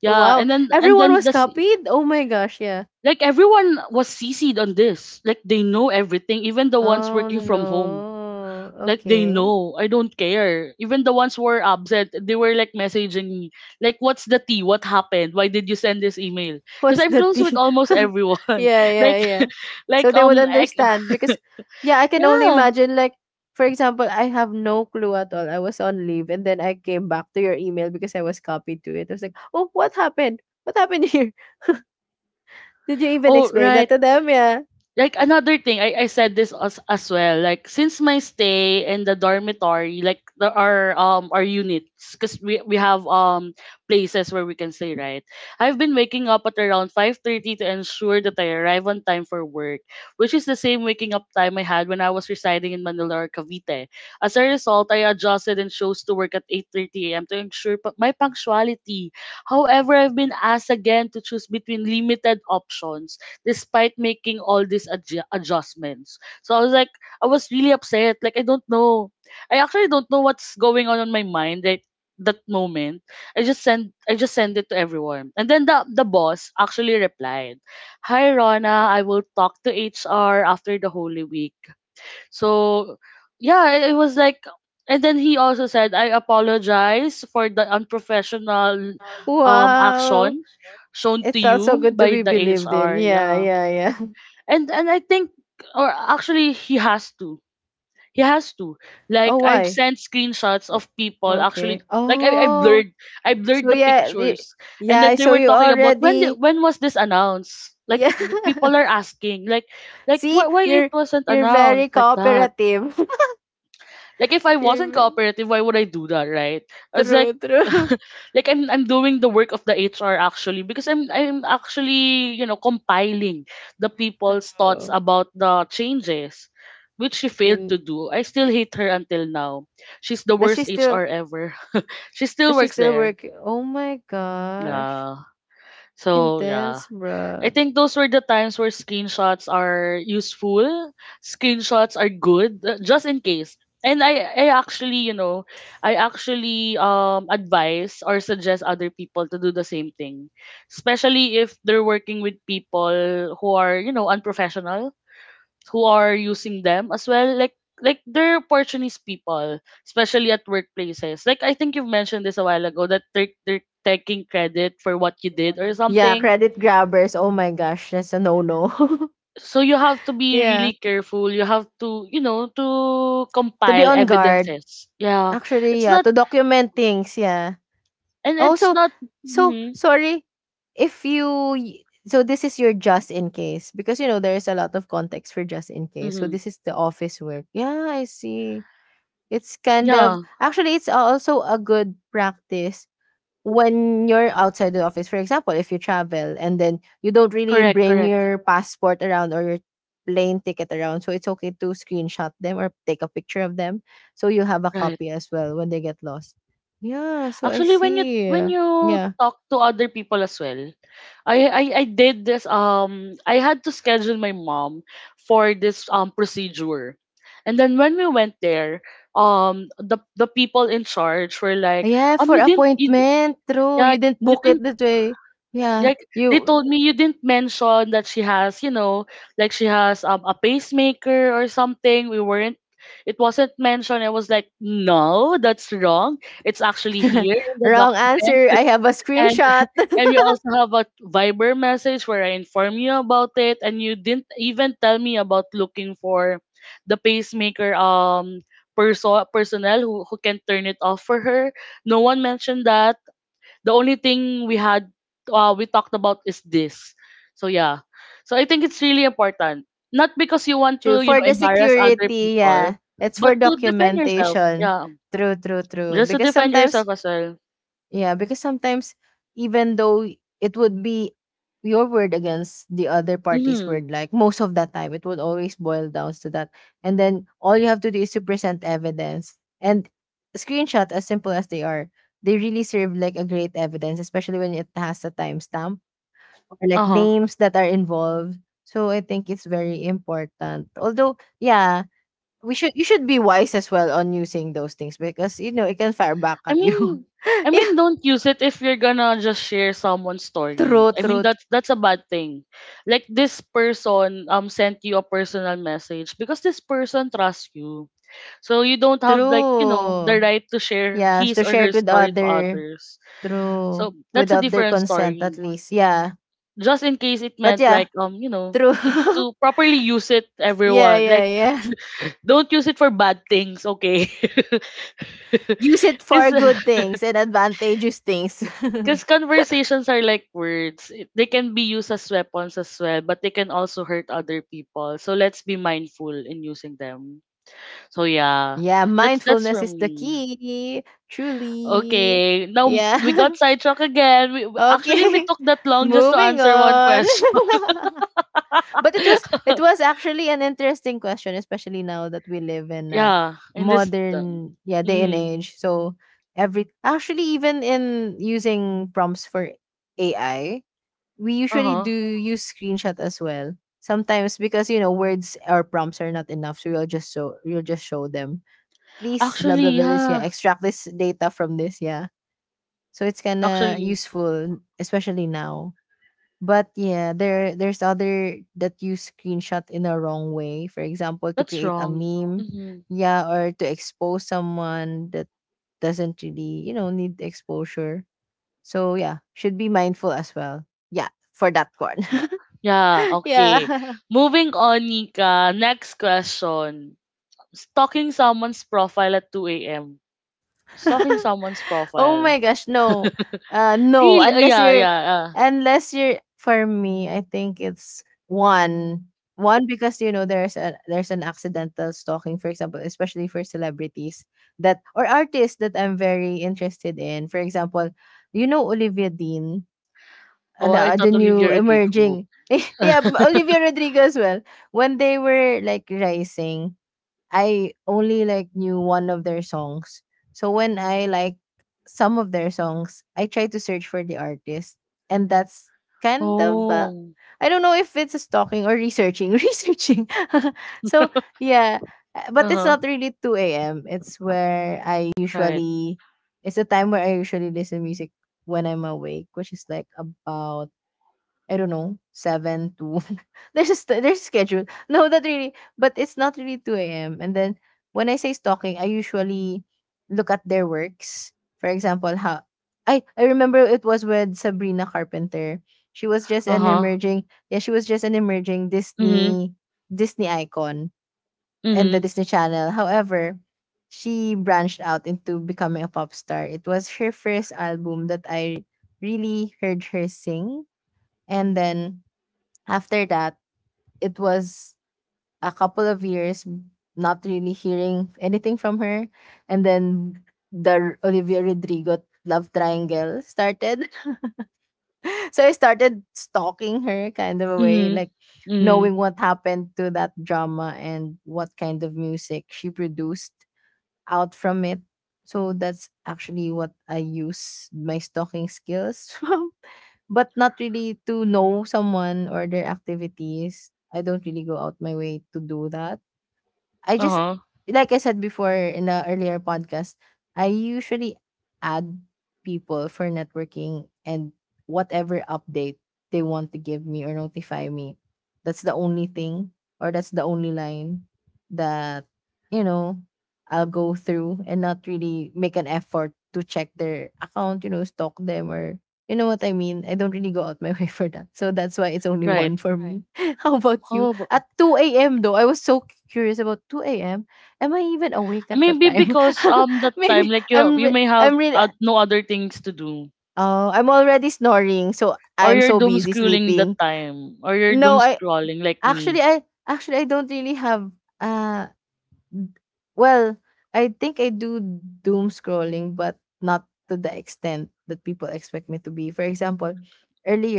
[SPEAKER 1] Yeah,
[SPEAKER 2] Wow,
[SPEAKER 1] and
[SPEAKER 2] everyone
[SPEAKER 1] then
[SPEAKER 2] was
[SPEAKER 1] the
[SPEAKER 2] copied? Oh my gosh, yeah.
[SPEAKER 1] like everyone was CC'd on this. Like they know everything, even the ones
[SPEAKER 2] Oh
[SPEAKER 1] working from home.
[SPEAKER 2] no.
[SPEAKER 1] Like they
[SPEAKER 2] Okay.
[SPEAKER 1] know. I don't care. Even the ones who were absent, they were like messaging me. Like, what's the tea? What happened? Why did you send this email? Because
[SPEAKER 2] What's
[SPEAKER 1] I'm
[SPEAKER 2] the
[SPEAKER 1] close with
[SPEAKER 2] tea?
[SPEAKER 1] almost everyone.
[SPEAKER 2] yeah, yeah,
[SPEAKER 1] like
[SPEAKER 2] yeah.
[SPEAKER 1] like
[SPEAKER 2] So they
[SPEAKER 1] um
[SPEAKER 2] would
[SPEAKER 1] I,
[SPEAKER 2] understand because yeah, I can only
[SPEAKER 1] yeah.
[SPEAKER 2] imagine like for example, I have no clue at all. I was on leave and then I came back to your email because I was copied to it. I was like, "Oh, what happened? What happened here? Did you even
[SPEAKER 1] Oh
[SPEAKER 2] explain that
[SPEAKER 1] right.
[SPEAKER 2] to them?" Yeah.
[SPEAKER 1] Like another thing I said this as well like since my stay in the dormitory like our units because we have places where we can stay, right? I've been waking up at around 5:30 to ensure that I arrive on time for work, which is the same waking up time I had when I was residing in Manila or Cavite. As a result, I adjusted and chose to work at 8:30 a.m. to ensure my punctuality. However, I've been asked again to choose between limited options despite making all these adjustments. So I was like, I was really upset. Like, I don't know. I actually don't know what's going on in my mind right that moment. I just send it to everyone. And then the boss actually replied, "Hi Rona, I will talk to HR after the Holy Week." So, yeah, it was like, and then he also said, "I apologize for the unprofessional
[SPEAKER 2] Wow.
[SPEAKER 1] action shown to
[SPEAKER 2] It felt so
[SPEAKER 1] you
[SPEAKER 2] good to
[SPEAKER 1] by
[SPEAKER 2] be
[SPEAKER 1] the
[SPEAKER 2] believed in.
[SPEAKER 1] HR."
[SPEAKER 2] Yeah,
[SPEAKER 1] Yeah,
[SPEAKER 2] yeah, yeah.
[SPEAKER 1] and I think, or actually he has to. He has to.
[SPEAKER 2] Oh,
[SPEAKER 1] Like I've
[SPEAKER 2] why?
[SPEAKER 1] sent screenshots
[SPEAKER 2] O
[SPEAKER 1] of people
[SPEAKER 2] okay.
[SPEAKER 1] actually like I
[SPEAKER 2] Oh,
[SPEAKER 1] blurred, I blurred
[SPEAKER 2] so
[SPEAKER 1] the
[SPEAKER 2] yeah, y
[SPEAKER 1] pictures, and
[SPEAKER 2] yeah,
[SPEAKER 1] then they
[SPEAKER 2] so
[SPEAKER 1] were
[SPEAKER 2] you
[SPEAKER 1] talking about
[SPEAKER 2] already
[SPEAKER 1] when was this announced? Like
[SPEAKER 2] yeah.
[SPEAKER 1] people are asking like
[SPEAKER 2] See,
[SPEAKER 1] why it
[SPEAKER 2] you're
[SPEAKER 1] wasn't
[SPEAKER 2] you're very
[SPEAKER 1] announced like that.
[SPEAKER 2] cooperative.
[SPEAKER 1] Like if I
[SPEAKER 2] You're
[SPEAKER 1] wasn't
[SPEAKER 2] ve
[SPEAKER 1] cooperative, why would I do that, right? I was
[SPEAKER 2] true,
[SPEAKER 1] like
[SPEAKER 2] true,
[SPEAKER 1] like I'm doing the work of the HR actually because I'm actually, you know, compiling the people's thoughts
[SPEAKER 2] true.
[SPEAKER 1] about the changes, which she
[SPEAKER 2] I
[SPEAKER 1] failed
[SPEAKER 2] feel
[SPEAKER 1] to do. I still hate her until now. She's the
[SPEAKER 2] does she
[SPEAKER 1] worst
[SPEAKER 2] still
[SPEAKER 1] HR ever. She still
[SPEAKER 2] does she
[SPEAKER 1] works
[SPEAKER 2] still
[SPEAKER 1] there.
[SPEAKER 2] work? Oh my gosh,
[SPEAKER 1] Yeah. So, yeah.
[SPEAKER 2] intense,
[SPEAKER 1] I
[SPEAKER 2] bruh.
[SPEAKER 1] think those were the times where screenshots are useful. Screenshots are good, just in case. And I actually, you know, I actually advise or suggest other people to do the same thing, especially if they're working with people who are, you know, unprofessional, who are using them as well. Like they're opportunist people, especially at workplaces. Like I think you've mentioned this a while ago that they're taking credit for what you did or
[SPEAKER 2] Yeah,
[SPEAKER 1] something.
[SPEAKER 2] credit grabbers, oh my gosh, that's a no-no.
[SPEAKER 1] So you have to be
[SPEAKER 2] Yeah,
[SPEAKER 1] really careful. You have to, you know, to
[SPEAKER 2] to be
[SPEAKER 1] compile
[SPEAKER 2] on guard.
[SPEAKER 1] evidences, yeah.
[SPEAKER 2] Actually,
[SPEAKER 1] it's
[SPEAKER 2] yeah,
[SPEAKER 1] not
[SPEAKER 2] to document things, yeah.
[SPEAKER 1] and
[SPEAKER 2] Oh,
[SPEAKER 1] it's
[SPEAKER 2] so
[SPEAKER 1] not.
[SPEAKER 2] so
[SPEAKER 1] Mm-hmm.
[SPEAKER 2] sorry if you y- so this is your just in case because you know there is a lot of context for just in case. So
[SPEAKER 1] Mm-hmm.
[SPEAKER 2] this is the office work. Yeah, I see. It's kind of
[SPEAKER 1] Yeah.
[SPEAKER 2] actually it's also a good practice when you're outside the office. For example, if you travel and then you don't really
[SPEAKER 1] Correct,
[SPEAKER 2] bring
[SPEAKER 1] correct.
[SPEAKER 2] your passport around or your plane ticket around, so it's okay to screenshot them or take a picture of them so you have a
[SPEAKER 1] Right.
[SPEAKER 2] copy as well when they get lost. Yeah, so I
[SPEAKER 1] Actually,
[SPEAKER 2] see.
[SPEAKER 1] when you
[SPEAKER 2] Yeah.
[SPEAKER 1] talk to other people as well, I did this, I had to schedule my mom for this procedure, and then when we went there, the people in charge were like,
[SPEAKER 2] Yeah, for
[SPEAKER 1] you didn't you, d-
[SPEAKER 2] appointment. True.
[SPEAKER 1] yeah,
[SPEAKER 2] You didn't
[SPEAKER 1] you
[SPEAKER 2] book it
[SPEAKER 1] didn't.
[SPEAKER 2] that way. Yeah.
[SPEAKER 1] Like they
[SPEAKER 2] You
[SPEAKER 1] told me you didn't mention that she has, you know, like she has a pacemaker or something. We weren't it wasn't mentioned. I was like, no, that's wrong. It's actually here in the
[SPEAKER 2] wrong
[SPEAKER 1] document.
[SPEAKER 2] answer. I have a
[SPEAKER 1] And
[SPEAKER 2] screenshot.
[SPEAKER 1] and we also have a Viber message where I inform you about it and you didn't even tell me about looking for the pacemaker personnel who can turn it off for her. No one mentioned that. The only thing we had, we talked about is this. So yeah, so I think it's really important, not because you want
[SPEAKER 2] True.
[SPEAKER 1] to, you
[SPEAKER 2] For
[SPEAKER 1] know,
[SPEAKER 2] the
[SPEAKER 1] embarrass other
[SPEAKER 2] security,
[SPEAKER 1] people,
[SPEAKER 2] yeah. It's
[SPEAKER 1] but
[SPEAKER 2] for
[SPEAKER 1] to defend yourself,
[SPEAKER 2] documentation.
[SPEAKER 1] yeah,
[SPEAKER 2] True, true, true.
[SPEAKER 1] just to
[SPEAKER 2] Because
[SPEAKER 1] defend
[SPEAKER 2] sometimes,
[SPEAKER 1] yourself as well.
[SPEAKER 2] yeah, because sometimes even though it would be your word against the other party's
[SPEAKER 1] Mm-hmm.
[SPEAKER 2] word, like most of the time, it would always boil down to that. And then all you have to do is to present evidence. And screenshot, as simple as they are, they really serve like a great evidence, especially when it has a timestamp or like
[SPEAKER 1] Uh-huh.
[SPEAKER 2] names that are involved. So I think it's very important. Although yeah we should you should be wise as well on using those things because you know it can fire back
[SPEAKER 1] I
[SPEAKER 2] at you.
[SPEAKER 1] mean, I
[SPEAKER 2] yeah,
[SPEAKER 1] mean don't use it if you're gonna just share someone's story.
[SPEAKER 2] true,
[SPEAKER 1] I mean,
[SPEAKER 2] true,
[SPEAKER 1] that's a bad thing. Like this person sent you a personal message because this person trusts you. So you don't have like, you know,
[SPEAKER 2] true.
[SPEAKER 1] the right to share
[SPEAKER 2] Yes,
[SPEAKER 1] his
[SPEAKER 2] to
[SPEAKER 1] or
[SPEAKER 2] share
[SPEAKER 1] her
[SPEAKER 2] it with
[SPEAKER 1] story to
[SPEAKER 2] other
[SPEAKER 1] others.
[SPEAKER 2] true
[SPEAKER 1] So that's a
[SPEAKER 2] without their
[SPEAKER 1] different
[SPEAKER 2] consent at
[SPEAKER 1] story.
[SPEAKER 2] least. Yeah,
[SPEAKER 1] Just in case it
[SPEAKER 2] but
[SPEAKER 1] meant
[SPEAKER 2] yeah,
[SPEAKER 1] like you know,
[SPEAKER 2] true.
[SPEAKER 1] to properly use it,
[SPEAKER 2] yeah,
[SPEAKER 1] everyone.
[SPEAKER 2] yeah,
[SPEAKER 1] Like
[SPEAKER 2] yeah.
[SPEAKER 1] don't use it for bad things, okay?
[SPEAKER 2] Use it for
[SPEAKER 1] Cause,
[SPEAKER 2] good things and advantageous things.
[SPEAKER 1] cause conversations are like words. They can be used as weapons as well, but they can also hurt other people. So let's be mindful in using them. So yeah.
[SPEAKER 2] yeah,
[SPEAKER 1] That's
[SPEAKER 2] mindfulness is
[SPEAKER 1] from
[SPEAKER 2] the
[SPEAKER 1] me.
[SPEAKER 2] key. Truly.
[SPEAKER 1] Okay, now we
[SPEAKER 2] Yeah.
[SPEAKER 1] got sidetracked again. Actually, we
[SPEAKER 2] okay.
[SPEAKER 1] took that long just to
[SPEAKER 2] Moving
[SPEAKER 1] answer one
[SPEAKER 2] on.
[SPEAKER 1] question.
[SPEAKER 2] But it was it was actually an interesting question, especially now that we live in a
[SPEAKER 1] yeah, in this.
[SPEAKER 2] modern yeah day and
[SPEAKER 1] Mm,
[SPEAKER 2] age. So every actually even in using prompts for AI, we
[SPEAKER 1] uh
[SPEAKER 2] usually
[SPEAKER 1] huh.
[SPEAKER 2] do use screenshot as well. Sometimes because you know words or prompts are not enough, so you'll just show them. Please blah blah
[SPEAKER 1] Actually,
[SPEAKER 2] blah this, yeah,
[SPEAKER 1] yeah.
[SPEAKER 2] extract this data from this, yeah. So it's kinda
[SPEAKER 1] Actually,
[SPEAKER 2] useful, especially now. But yeah, there's other that use screenshot in a wrong way. For example, to
[SPEAKER 1] that's
[SPEAKER 2] create a
[SPEAKER 1] wrong.
[SPEAKER 2] meme,
[SPEAKER 1] Mm-hmm.
[SPEAKER 2] yeah, or to expose someone that doesn't really, need exposure. So yeah, should be mindful as well. Yeah, for that one.
[SPEAKER 1] Yeah. Yeah, okay.
[SPEAKER 2] yeah.
[SPEAKER 1] Moving on, Nika. Next question. Stalking someone's profile at 2 a.m. Stalking someone's
[SPEAKER 2] Oh
[SPEAKER 1] profile.
[SPEAKER 2] my gosh, no. No,
[SPEAKER 1] Really?
[SPEAKER 2] unless
[SPEAKER 1] Yeah,
[SPEAKER 2] you're
[SPEAKER 1] yeah.
[SPEAKER 2] unless you're for me, I think it's one. One, because there's an accidental stalking, for example, especially for celebrities that, or artists that I'm very interested in. For example, you know, Olivia Dean,
[SPEAKER 1] Oh, I thought
[SPEAKER 2] the new
[SPEAKER 1] Olivia Rodrigo.
[SPEAKER 2] emerging. Yeah, Olivia Rodrigo as well. When they were like rising, I only like knew one of their songs. So when I like some of their songs, I try to search for the artist, and that's kind of
[SPEAKER 1] oh.
[SPEAKER 2] I don't know if it's stalking or researching. Researching. So yeah,
[SPEAKER 1] Uh
[SPEAKER 2] but it's
[SPEAKER 1] huh.
[SPEAKER 2] not really two a.m. It's where I
[SPEAKER 1] Right.
[SPEAKER 2] usually, it's a time where I usually listen music when I'm awake, which is like about, I don't know, 7 to there's a schedule. No, not really, but it's not really 2 a.m. And then when I say stalking, I usually look at their works. For example, how I remember, it was with Sabrina Carpenter.
[SPEAKER 1] Uh-huh.
[SPEAKER 2] She was just an emerging
[SPEAKER 1] Mhm.
[SPEAKER 2] Disney icon in the
[SPEAKER 1] Mhm.
[SPEAKER 2] Disney Channel. However, she branched out into becoming a pop star. It was her first album that I really heard her sing. And then after that, it was a couple of years not really hearing anything from her. And then Olivia Rodrigo love triangle started. So I started stalking her kind of a way,
[SPEAKER 1] Mhm.
[SPEAKER 2] like
[SPEAKER 1] Mhm.
[SPEAKER 2] knowing what happened to that drama and what kind of music she produced out from it. So that's actually what I use my stalking skills but not really to know someone or their activities. I don't really go out my way to do that. I just,
[SPEAKER 1] Uh-huh.
[SPEAKER 2] like I said before in the earlier podcast, I usually add people for networking and whatever update they want to give me or notify me. That's the only thing, or that's the only line that, you know, I'll go through and not really make an effort to check their account, you know, stalk them, or you know what I mean. I don't really go out my way for that. So that's why it's only
[SPEAKER 1] Right.
[SPEAKER 2] one for right, me. How about you?
[SPEAKER 1] Oh,
[SPEAKER 2] At 2 AM, though, I was so curious about 2 AM? Am I even awake at that
[SPEAKER 1] maybe
[SPEAKER 2] time?
[SPEAKER 1] because that time like you may have,
[SPEAKER 2] I'm really,
[SPEAKER 1] no other things to do,
[SPEAKER 2] oh, I'm already snoring, so
[SPEAKER 1] or
[SPEAKER 2] I'm
[SPEAKER 1] you're
[SPEAKER 2] so
[SPEAKER 1] doom
[SPEAKER 2] busy
[SPEAKER 1] scrolling that
[SPEAKER 2] sleeping.
[SPEAKER 1] time, or you're doom
[SPEAKER 2] No, I
[SPEAKER 1] scrolling like
[SPEAKER 2] actually
[SPEAKER 1] me.
[SPEAKER 2] I actually I don't really have uh d- well, I think I do doom scrolling, but not to the extent that people expect me to be. For example,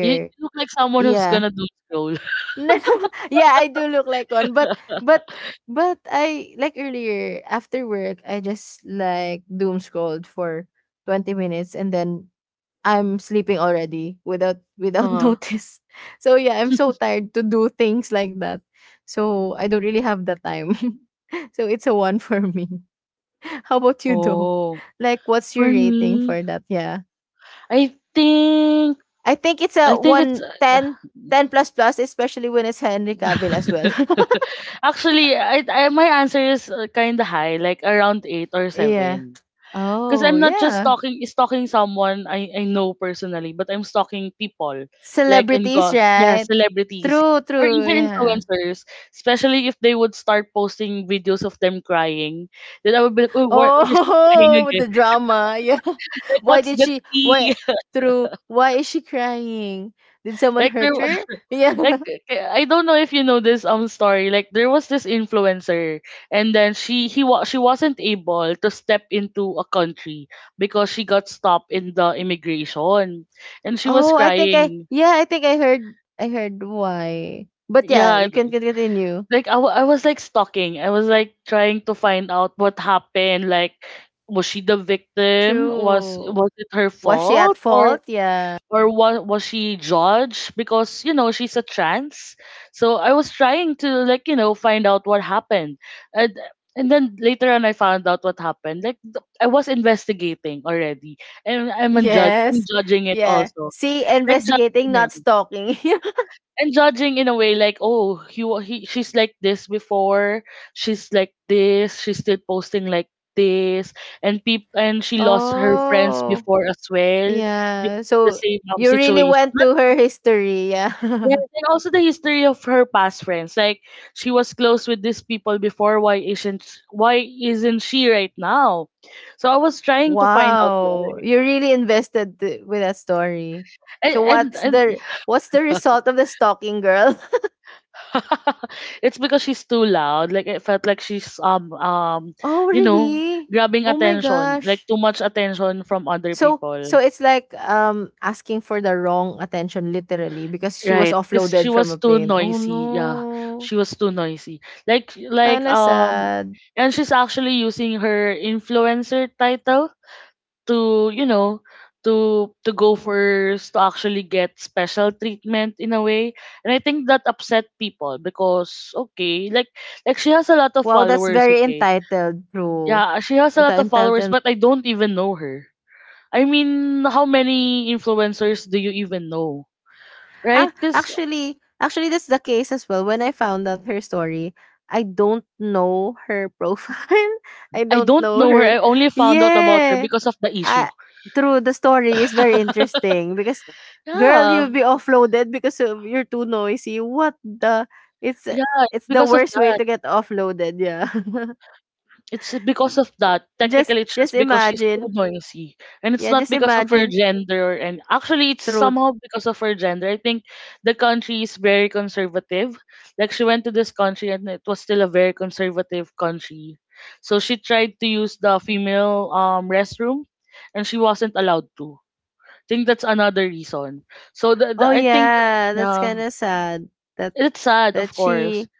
[SPEAKER 1] You look like someone who's
[SPEAKER 2] yeah.
[SPEAKER 1] gonna doom scroll.
[SPEAKER 2] No, yeah, I do look like one, but but but I like earlier after work, I just like doom scrolled for 20 minutes and then I'm sleeping already without
[SPEAKER 1] Uh-huh.
[SPEAKER 2] notice. So yeah, I'm so tired to do things like that. So I don't really have the time. So it's a one for me. How about you though?
[SPEAKER 1] Oh,
[SPEAKER 2] Like what's your
[SPEAKER 1] for
[SPEAKER 2] rating
[SPEAKER 1] me,
[SPEAKER 2] for that? Yeah.
[SPEAKER 1] I think
[SPEAKER 2] I think it's a
[SPEAKER 1] I think it's
[SPEAKER 2] one ten ten plus plus, especially when it's Henry Cavill as well.
[SPEAKER 1] Actually, I my answer is kind of high, like around 8 or
[SPEAKER 2] Yeah.
[SPEAKER 1] 7. Because
[SPEAKER 2] Oh,
[SPEAKER 1] I'm not just
[SPEAKER 2] yeah.
[SPEAKER 1] talking stalking someone I know personally, but I'm stalking people like and
[SPEAKER 2] Celebrities,
[SPEAKER 1] go yeah
[SPEAKER 2] right?
[SPEAKER 1] celebrities
[SPEAKER 2] True,
[SPEAKER 1] or
[SPEAKER 2] true,
[SPEAKER 1] even
[SPEAKER 2] yeah.
[SPEAKER 1] influencers, especially if they would start posting videos of them crying, then I would be like, oh, where's she crying
[SPEAKER 2] Oh,
[SPEAKER 1] again?
[SPEAKER 2] the drama, yeah.
[SPEAKER 1] Like,
[SPEAKER 2] Why
[SPEAKER 1] what's
[SPEAKER 2] did
[SPEAKER 1] the
[SPEAKER 2] she
[SPEAKER 1] tea?
[SPEAKER 2] why true, why is she crying? Did someone
[SPEAKER 1] like, there
[SPEAKER 2] hurt her? Yeah.
[SPEAKER 1] Like I don't know if you know this story. Like there was this influencer, and then she wasn't able to step into a country because she got stopped in the immigration, and she was
[SPEAKER 2] Oh, I think I,
[SPEAKER 1] crying.
[SPEAKER 2] yeah, I think I heard why. But yeah,
[SPEAKER 1] Yeah,
[SPEAKER 2] you can
[SPEAKER 1] th-
[SPEAKER 2] continue.
[SPEAKER 1] I was like stalking. I was like trying to find out what happened. Like, was she the victim?
[SPEAKER 2] True.
[SPEAKER 1] Was it her
[SPEAKER 2] Was she
[SPEAKER 1] fault?
[SPEAKER 2] at
[SPEAKER 1] Or
[SPEAKER 2] fault? Yeah.
[SPEAKER 1] was she judged because, you know, she's a trans. So I was trying to, like, you know, find out what happened, and and then later on I found out what happened. I was investigating already, and I'm a judge. I'm
[SPEAKER 2] Yes.
[SPEAKER 1] judging it
[SPEAKER 2] Yeah.
[SPEAKER 1] also,
[SPEAKER 2] See,
[SPEAKER 1] like
[SPEAKER 2] investigating,
[SPEAKER 1] judging him
[SPEAKER 2] not stalking.
[SPEAKER 1] and judging in a way like, oh he, wa- he she's like this before, she's like this, she's still posting like this. And and she lost her friends
[SPEAKER 2] Oh.
[SPEAKER 1] before as well
[SPEAKER 2] Yeah.
[SPEAKER 1] because of the
[SPEAKER 2] So
[SPEAKER 1] same
[SPEAKER 2] you really
[SPEAKER 1] situation.
[SPEAKER 2] went to her history. Yeah.
[SPEAKER 1] Yes, and also the history of her past friends. Like she was close with these people before. Why isn't she right now? So I was trying to find out
[SPEAKER 2] Wow.
[SPEAKER 1] why.
[SPEAKER 2] You really invested with that story.
[SPEAKER 1] And
[SPEAKER 2] So
[SPEAKER 1] and,
[SPEAKER 2] what's
[SPEAKER 1] and
[SPEAKER 2] the what's the result of the stalking, girl?
[SPEAKER 1] it's because she's too loud. Like it felt like she's
[SPEAKER 2] Oh
[SPEAKER 1] you know,
[SPEAKER 2] really?
[SPEAKER 1] grabbing
[SPEAKER 2] Oh my
[SPEAKER 1] attention, like
[SPEAKER 2] gosh.
[SPEAKER 1] too much attention from other
[SPEAKER 2] So, so
[SPEAKER 1] people.
[SPEAKER 2] it's like asking for the wrong attention literally, because she was
[SPEAKER 1] Right, because she
[SPEAKER 2] offloaded from
[SPEAKER 1] was
[SPEAKER 2] a
[SPEAKER 1] too
[SPEAKER 2] plane. Oh
[SPEAKER 1] noisy. Yeah,
[SPEAKER 2] no.
[SPEAKER 1] she was too noisy. Like like
[SPEAKER 2] Kinda
[SPEAKER 1] um,
[SPEAKER 2] sad.
[SPEAKER 1] and she's actually using her influencer title to, you know, to go first, to actually get special treatment in a way. And I think that upset people because, okay, like she has a lot of
[SPEAKER 2] Wow, that's
[SPEAKER 1] followers,
[SPEAKER 2] very
[SPEAKER 1] okay,
[SPEAKER 2] entitled, bro.
[SPEAKER 1] yeah, she has a
[SPEAKER 2] The
[SPEAKER 1] lot of followers,
[SPEAKER 2] entitled?
[SPEAKER 1] but I don't even know her. I mean, how many influencers do you even know, right?
[SPEAKER 2] Ah,
[SPEAKER 1] Because
[SPEAKER 2] actually that's the case as well. When I found out her story, I don't know her profile. I
[SPEAKER 1] I
[SPEAKER 2] don't
[SPEAKER 1] don't
[SPEAKER 2] know
[SPEAKER 1] know her.
[SPEAKER 2] her.
[SPEAKER 1] I only found out about her
[SPEAKER 2] Yeah.
[SPEAKER 1] because of the issue.
[SPEAKER 2] I, through the story, is very interesting because girl,
[SPEAKER 1] yeah
[SPEAKER 2] you'll be offloaded because of you're too noisy. What the, it's
[SPEAKER 1] yeah
[SPEAKER 2] it's the
[SPEAKER 1] because of
[SPEAKER 2] worst way
[SPEAKER 1] that.
[SPEAKER 2] to get offloaded, yeah.
[SPEAKER 1] It's because of that.
[SPEAKER 2] just
[SPEAKER 1] Technically, it's
[SPEAKER 2] just
[SPEAKER 1] just because she's too
[SPEAKER 2] imagine.
[SPEAKER 1] noisy. And it's
[SPEAKER 2] Yeah,
[SPEAKER 1] not
[SPEAKER 2] just
[SPEAKER 1] because of her
[SPEAKER 2] imagine
[SPEAKER 1] gender. And actually, it's
[SPEAKER 2] through.
[SPEAKER 1] somehow because of her gender. I think the country is very conservative. Like, she went to this country and it was still a very conservative country. So she tried to use the female restroom, and she wasn't allowed to. I think that's another reason. So
[SPEAKER 2] Oh
[SPEAKER 1] I think
[SPEAKER 2] yeah,
[SPEAKER 1] that
[SPEAKER 2] that's
[SPEAKER 1] uh,
[SPEAKER 2] kind of sad that,
[SPEAKER 1] it's sad, of
[SPEAKER 2] that
[SPEAKER 1] course.
[SPEAKER 2] she,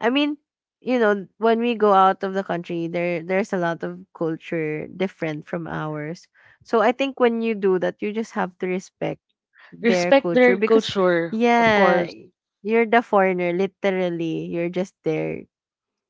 [SPEAKER 2] I mean, you know, when we go out of the country, there's a lot of culture different from ours. So I think when you do that, you just have to respect their
[SPEAKER 1] Respect
[SPEAKER 2] culture
[SPEAKER 1] their
[SPEAKER 2] because
[SPEAKER 1] culture, of
[SPEAKER 2] yeah,
[SPEAKER 1] course.
[SPEAKER 2] you're the foreigner literally. You're just there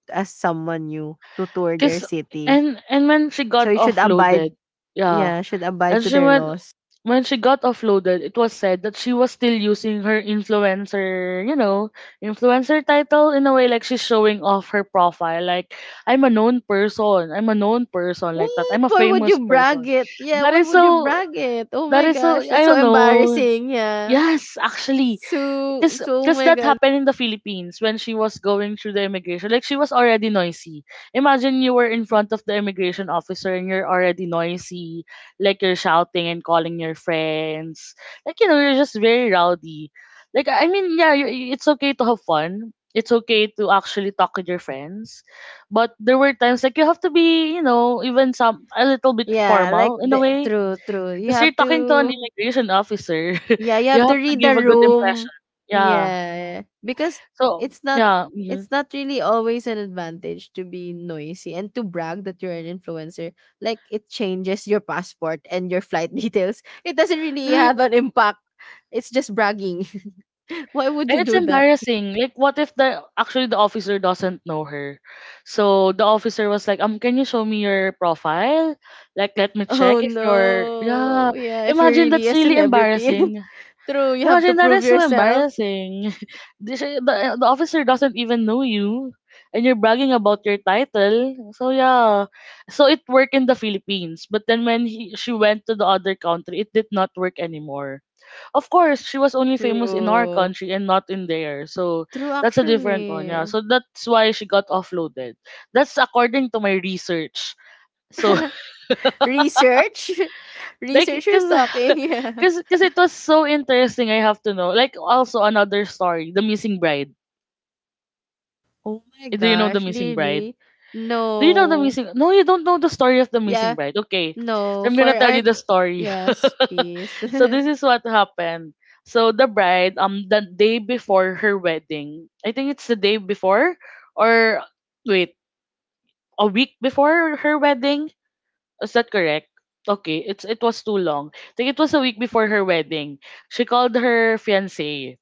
[SPEAKER 2] as someone new to tour their
[SPEAKER 1] Cause
[SPEAKER 2] city.
[SPEAKER 1] and when she
[SPEAKER 2] So
[SPEAKER 1] got
[SPEAKER 2] you should abide,
[SPEAKER 1] offloaded, yeah,
[SPEAKER 2] yeah, should abide
[SPEAKER 1] and
[SPEAKER 2] to
[SPEAKER 1] she
[SPEAKER 2] their
[SPEAKER 1] went
[SPEAKER 2] laws.
[SPEAKER 1] when she got offloaded, it was said that she was still using her influencer, you know, influencer title in a way, like she's showing off her profile, like, I'm a known person, I'm a known person, like that,
[SPEAKER 2] What?
[SPEAKER 1] I'm a
[SPEAKER 2] Why would
[SPEAKER 1] famous
[SPEAKER 2] you brag
[SPEAKER 1] person.
[SPEAKER 2] it? Yeah,
[SPEAKER 1] That
[SPEAKER 2] why
[SPEAKER 1] is
[SPEAKER 2] would you
[SPEAKER 1] so.
[SPEAKER 2] brag it? Oh
[SPEAKER 1] That
[SPEAKER 2] my
[SPEAKER 1] is so.
[SPEAKER 2] gosh, that's
[SPEAKER 1] I
[SPEAKER 2] so
[SPEAKER 1] don't know.
[SPEAKER 2] embarrassing. Yeah.
[SPEAKER 1] Yes, actually,
[SPEAKER 2] So,
[SPEAKER 1] because
[SPEAKER 2] so oh
[SPEAKER 1] because
[SPEAKER 2] my
[SPEAKER 1] that
[SPEAKER 2] god.
[SPEAKER 1] happened in the Philippines when she was going through the immigration. Like she was already noisy. Imagine you were in front of the immigration officer and you're already noisy, like you're shouting and calling your friends. Like, you know, you're just very rowdy. Like, I mean, yeah, you- it's okay to have fun. It's okay to actually talk with your friends, but there were times like you have to be, you know, even some a little bit
[SPEAKER 2] Yeah, like
[SPEAKER 1] formal in a
[SPEAKER 2] the
[SPEAKER 1] way.
[SPEAKER 2] true, true. You
[SPEAKER 1] Because you're
[SPEAKER 2] have
[SPEAKER 1] talking to an
[SPEAKER 2] to
[SPEAKER 1] immigration officer,
[SPEAKER 2] yeah, you
[SPEAKER 1] you
[SPEAKER 2] have to
[SPEAKER 1] have to
[SPEAKER 2] read the
[SPEAKER 1] give a good
[SPEAKER 2] room.
[SPEAKER 1] impression. Yeah
[SPEAKER 2] Yeah. Because
[SPEAKER 1] so,
[SPEAKER 2] it's not,
[SPEAKER 1] yeah, mhm.
[SPEAKER 2] it's not really always an advantage to be noisy and to brag that you're an influencer. Like it changes your passport and your flight details. It doesn't really
[SPEAKER 1] Right.
[SPEAKER 2] have an impact. It's just bragging. Why would
[SPEAKER 1] And
[SPEAKER 2] you
[SPEAKER 1] it's
[SPEAKER 2] do that?
[SPEAKER 1] embarrassing. Like, what if the actually the officer doesn't know her? So the officer was like, can you show me your profile? Like, let me
[SPEAKER 2] Oh
[SPEAKER 1] check if you're yeah.
[SPEAKER 2] no. Yeah, if you're
[SPEAKER 1] Imagine
[SPEAKER 2] really
[SPEAKER 1] that's
[SPEAKER 2] a
[SPEAKER 1] really
[SPEAKER 2] celebrity.
[SPEAKER 1] embarrassing.
[SPEAKER 2] True, you have to
[SPEAKER 1] Imagine that
[SPEAKER 2] prove
[SPEAKER 1] is so
[SPEAKER 2] yourself.
[SPEAKER 1] embarrassing. the, sh- the eh, The officer doesn't even know you, and you're bragging about your title. So yeah, so it worked in the Philippines, but then when she went to the other country, it did not work anymore. Of course, she was only famous in our
[SPEAKER 2] True.
[SPEAKER 1] country and not in there. So
[SPEAKER 2] True
[SPEAKER 1] that's a different one, yeah.
[SPEAKER 2] actually.
[SPEAKER 1] So that's why she got offloaded. That's according to my research. So
[SPEAKER 2] Research?
[SPEAKER 1] like
[SPEAKER 2] Researchers
[SPEAKER 1] cause,
[SPEAKER 2] talking. Yeah.
[SPEAKER 1] cause it was so interesting I have to know. Like, also another story, The Missing Bride.
[SPEAKER 2] Oh my
[SPEAKER 1] Do you know The
[SPEAKER 2] gosh,
[SPEAKER 1] Missing Bride?
[SPEAKER 2] really?
[SPEAKER 1] Do you know the
[SPEAKER 2] No.
[SPEAKER 1] missing? No, you don't know the story of the missing
[SPEAKER 2] Yeah,
[SPEAKER 1] bride. Okay, so
[SPEAKER 2] no.
[SPEAKER 1] I'm
[SPEAKER 2] For
[SPEAKER 1] gonna tell
[SPEAKER 2] our,
[SPEAKER 1] you the story.
[SPEAKER 2] yes, please.
[SPEAKER 1] So this is what happened. So the bride, the day before her wedding, I think it's the day before, or wait, a week before her wedding. Is that correct? Okay, it's it was too long. I think it was a week before her wedding. She called her fiance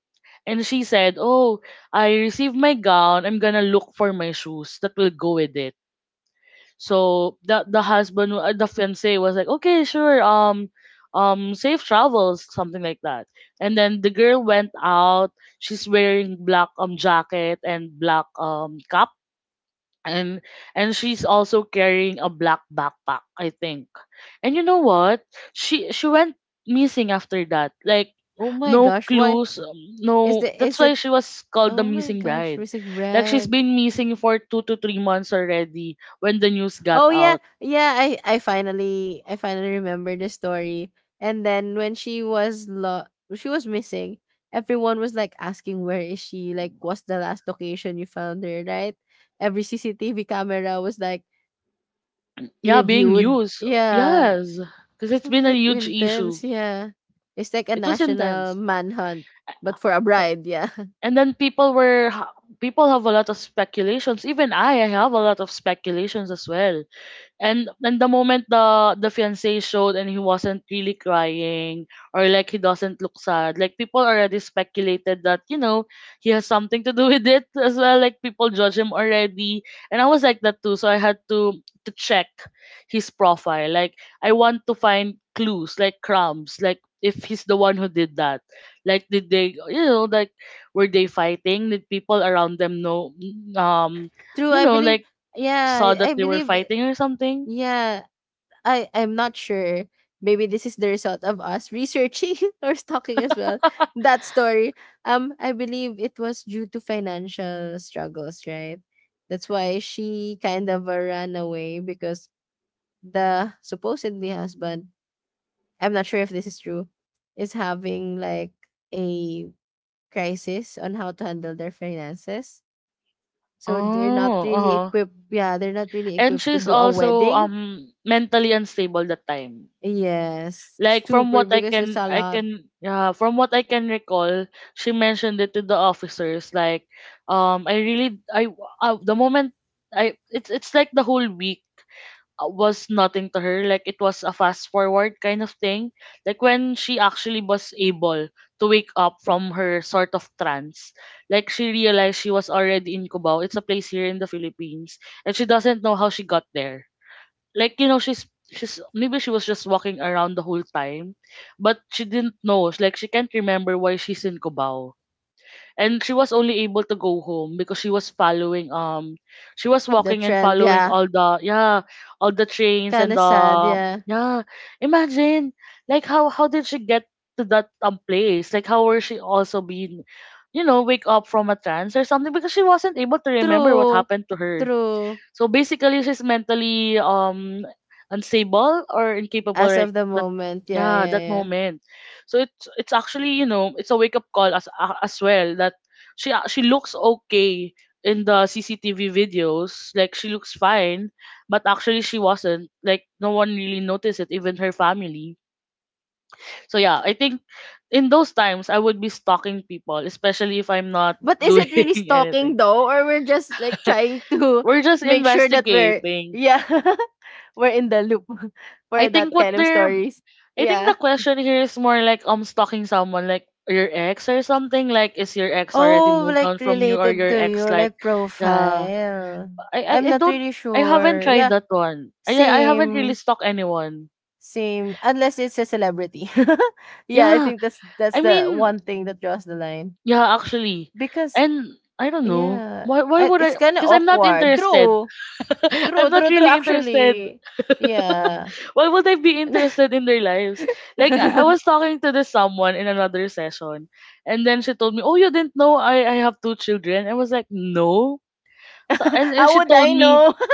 [SPEAKER 1] and she said, "Oh, I received my gown. I'm gonna look for my shoes that will go with it." So the husband, the fiance was like, okay, sure, safe travels, something like that. And then the girl went out. She's wearing black jacket and black cap, and and she's also carrying a black backpack, I think. And you know what? She went missing after that. Like
[SPEAKER 2] Oh my
[SPEAKER 1] no
[SPEAKER 2] gosh, why
[SPEAKER 1] clues,
[SPEAKER 2] is
[SPEAKER 1] no.
[SPEAKER 2] the
[SPEAKER 1] That's
[SPEAKER 2] is
[SPEAKER 1] why
[SPEAKER 2] it
[SPEAKER 1] she was called the
[SPEAKER 2] oh my
[SPEAKER 1] missing
[SPEAKER 2] gosh,
[SPEAKER 1] bride.
[SPEAKER 2] music
[SPEAKER 1] Like she's
[SPEAKER 2] brand.
[SPEAKER 1] been missing for 2 to 3 months already when the news got
[SPEAKER 2] Oh yeah,
[SPEAKER 1] out.
[SPEAKER 2] yeah. I finally remember the story. And then when she was she was missing, everyone was like asking where is she? Like what's the last location you found her? Right? Every CCTV camera was like
[SPEAKER 1] Yeah, being
[SPEAKER 2] reviewed.
[SPEAKER 1] used.
[SPEAKER 2] Yeah,
[SPEAKER 1] Yes, because
[SPEAKER 2] it
[SPEAKER 1] it's
[SPEAKER 2] was
[SPEAKER 1] been a
[SPEAKER 2] like
[SPEAKER 1] huge issue.
[SPEAKER 2] intense. Yeah, it's like a
[SPEAKER 1] It was
[SPEAKER 2] national
[SPEAKER 1] intense.
[SPEAKER 2] manhunt,
[SPEAKER 1] Uh, uh,
[SPEAKER 2] but for a bride. Yeah,
[SPEAKER 1] And then people have a lot of speculations. Even I have a lot of speculations as well. And the moment the fiance showed and he wasn't really crying or like he doesn't look sad, like people already speculated that, you know, he has something to do with it as well. Like people judge him already, and I was like that too. So I had to check his profile. Like I want to find clues, like crumbs, like if he's the one who did that. Like did they, you know, like were they fighting? Did people around them know,
[SPEAKER 2] true.
[SPEAKER 1] you
[SPEAKER 2] I
[SPEAKER 1] know,
[SPEAKER 2] believe.
[SPEAKER 1] like
[SPEAKER 2] Yeah,
[SPEAKER 1] saw
[SPEAKER 2] I
[SPEAKER 1] that
[SPEAKER 2] I
[SPEAKER 1] they were
[SPEAKER 2] believe.
[SPEAKER 1] fighting or something.
[SPEAKER 2] Yeah, I, I'm not sure. Maybe this is the result of us researching or stalking as well that story. I believe it was due to financial struggles, right? That's why she kind of ran away because the supposedly husband, I'm not sure if this is true, is having like a crisis on how to handle their finances. So they're not
[SPEAKER 1] Oh,
[SPEAKER 2] really
[SPEAKER 1] uh-huh.
[SPEAKER 2] equipped. Yeah, they're not really
[SPEAKER 1] And
[SPEAKER 2] equipped to
[SPEAKER 1] she's
[SPEAKER 2] do a
[SPEAKER 1] also
[SPEAKER 2] wedding.
[SPEAKER 1] mentally unstable that time.
[SPEAKER 2] Yes, super, because that's a lot.
[SPEAKER 1] From what I can recall, she mentioned it to the officers like um I really I, the moment I it's like the whole week was nothing to her. Like it was a fast forward kind of thing. Like when she actually was able to wake up from her sort of trance, like she realized she was already in Cubao. It's a place here in the Philippines, and she doesn't know how she got there. Like, you know, she's maybe she was just walking around the whole time, but she didn't know. Like she can't remember why she's in Cubao, and she was only able to go home because she was following she was
[SPEAKER 2] The
[SPEAKER 1] walking and
[SPEAKER 2] trend,
[SPEAKER 1] following
[SPEAKER 2] yeah.
[SPEAKER 1] all the yeah all the trains and
[SPEAKER 2] Kinda
[SPEAKER 1] the
[SPEAKER 2] sad, yeah.
[SPEAKER 1] yeah. Imagine, how did she get to that place? Like how were she also being, you know, wake up from a trance or something, because she wasn't able to remember what
[SPEAKER 2] True.
[SPEAKER 1] happened to her.
[SPEAKER 2] True.
[SPEAKER 1] So basically, she's mentally unstable or incapable,
[SPEAKER 2] As
[SPEAKER 1] right?
[SPEAKER 2] of the
[SPEAKER 1] That
[SPEAKER 2] moment. Yeah,
[SPEAKER 1] yeah,
[SPEAKER 2] yeah,
[SPEAKER 1] that
[SPEAKER 2] yeah.
[SPEAKER 1] moment. So it's actually, you know, it's a wake up call as well that she looks okay in the CCTV videos, like she looks fine, but actually she wasn't, like no one really noticed it, even her family. So yeah, I think in those times I would be stalking people, especially if I'm not
[SPEAKER 2] But is
[SPEAKER 1] doing
[SPEAKER 2] it really
[SPEAKER 1] anything.
[SPEAKER 2] stalking though? Or we're just like trying to
[SPEAKER 1] We're just
[SPEAKER 2] make sure that we're,
[SPEAKER 1] investigating.
[SPEAKER 2] yeah, we're in the loop
[SPEAKER 1] I
[SPEAKER 2] for
[SPEAKER 1] think
[SPEAKER 2] that
[SPEAKER 1] what
[SPEAKER 2] kind of
[SPEAKER 1] they're
[SPEAKER 2] stories.
[SPEAKER 1] I think the
[SPEAKER 2] Yeah.
[SPEAKER 1] question here is more like stalking someone like your ex or something, like is your ex already
[SPEAKER 2] Oh,
[SPEAKER 1] moved on
[SPEAKER 2] like
[SPEAKER 1] from you, or
[SPEAKER 2] related
[SPEAKER 1] your
[SPEAKER 2] to
[SPEAKER 1] ex
[SPEAKER 2] your
[SPEAKER 1] like
[SPEAKER 2] like
[SPEAKER 1] yeah
[SPEAKER 2] profile. I'm
[SPEAKER 1] I
[SPEAKER 2] not
[SPEAKER 1] don't
[SPEAKER 2] really
[SPEAKER 1] I haven't
[SPEAKER 2] sure.
[SPEAKER 1] tried
[SPEAKER 2] Yeah.
[SPEAKER 1] that one. I haven't really
[SPEAKER 2] Same.
[SPEAKER 1] stalked anyone.
[SPEAKER 2] Same. Unless it's a celebrity. Yeah, I
[SPEAKER 1] Yeah,
[SPEAKER 2] think that's
[SPEAKER 1] I
[SPEAKER 2] the
[SPEAKER 1] mean,
[SPEAKER 2] one thing that draws the line.
[SPEAKER 1] yeah, actually,
[SPEAKER 2] Because
[SPEAKER 1] and I don't know
[SPEAKER 2] yeah,
[SPEAKER 1] why, would
[SPEAKER 2] it's
[SPEAKER 1] I,
[SPEAKER 2] kinda
[SPEAKER 1] because I'm not
[SPEAKER 2] awkward.
[SPEAKER 1] interested.
[SPEAKER 2] True.
[SPEAKER 1] I'm
[SPEAKER 2] True,
[SPEAKER 1] not
[SPEAKER 2] true, true,
[SPEAKER 1] really interested.
[SPEAKER 2] actually. Yeah.
[SPEAKER 1] Why would I be interested in their lives? Like, I was talking to this someone in another session, and then she told me, "Oh, you didn't know I have 2 children." I was like, "No." So and
[SPEAKER 2] How
[SPEAKER 1] she
[SPEAKER 2] would
[SPEAKER 1] told
[SPEAKER 2] I
[SPEAKER 1] me.
[SPEAKER 2] know?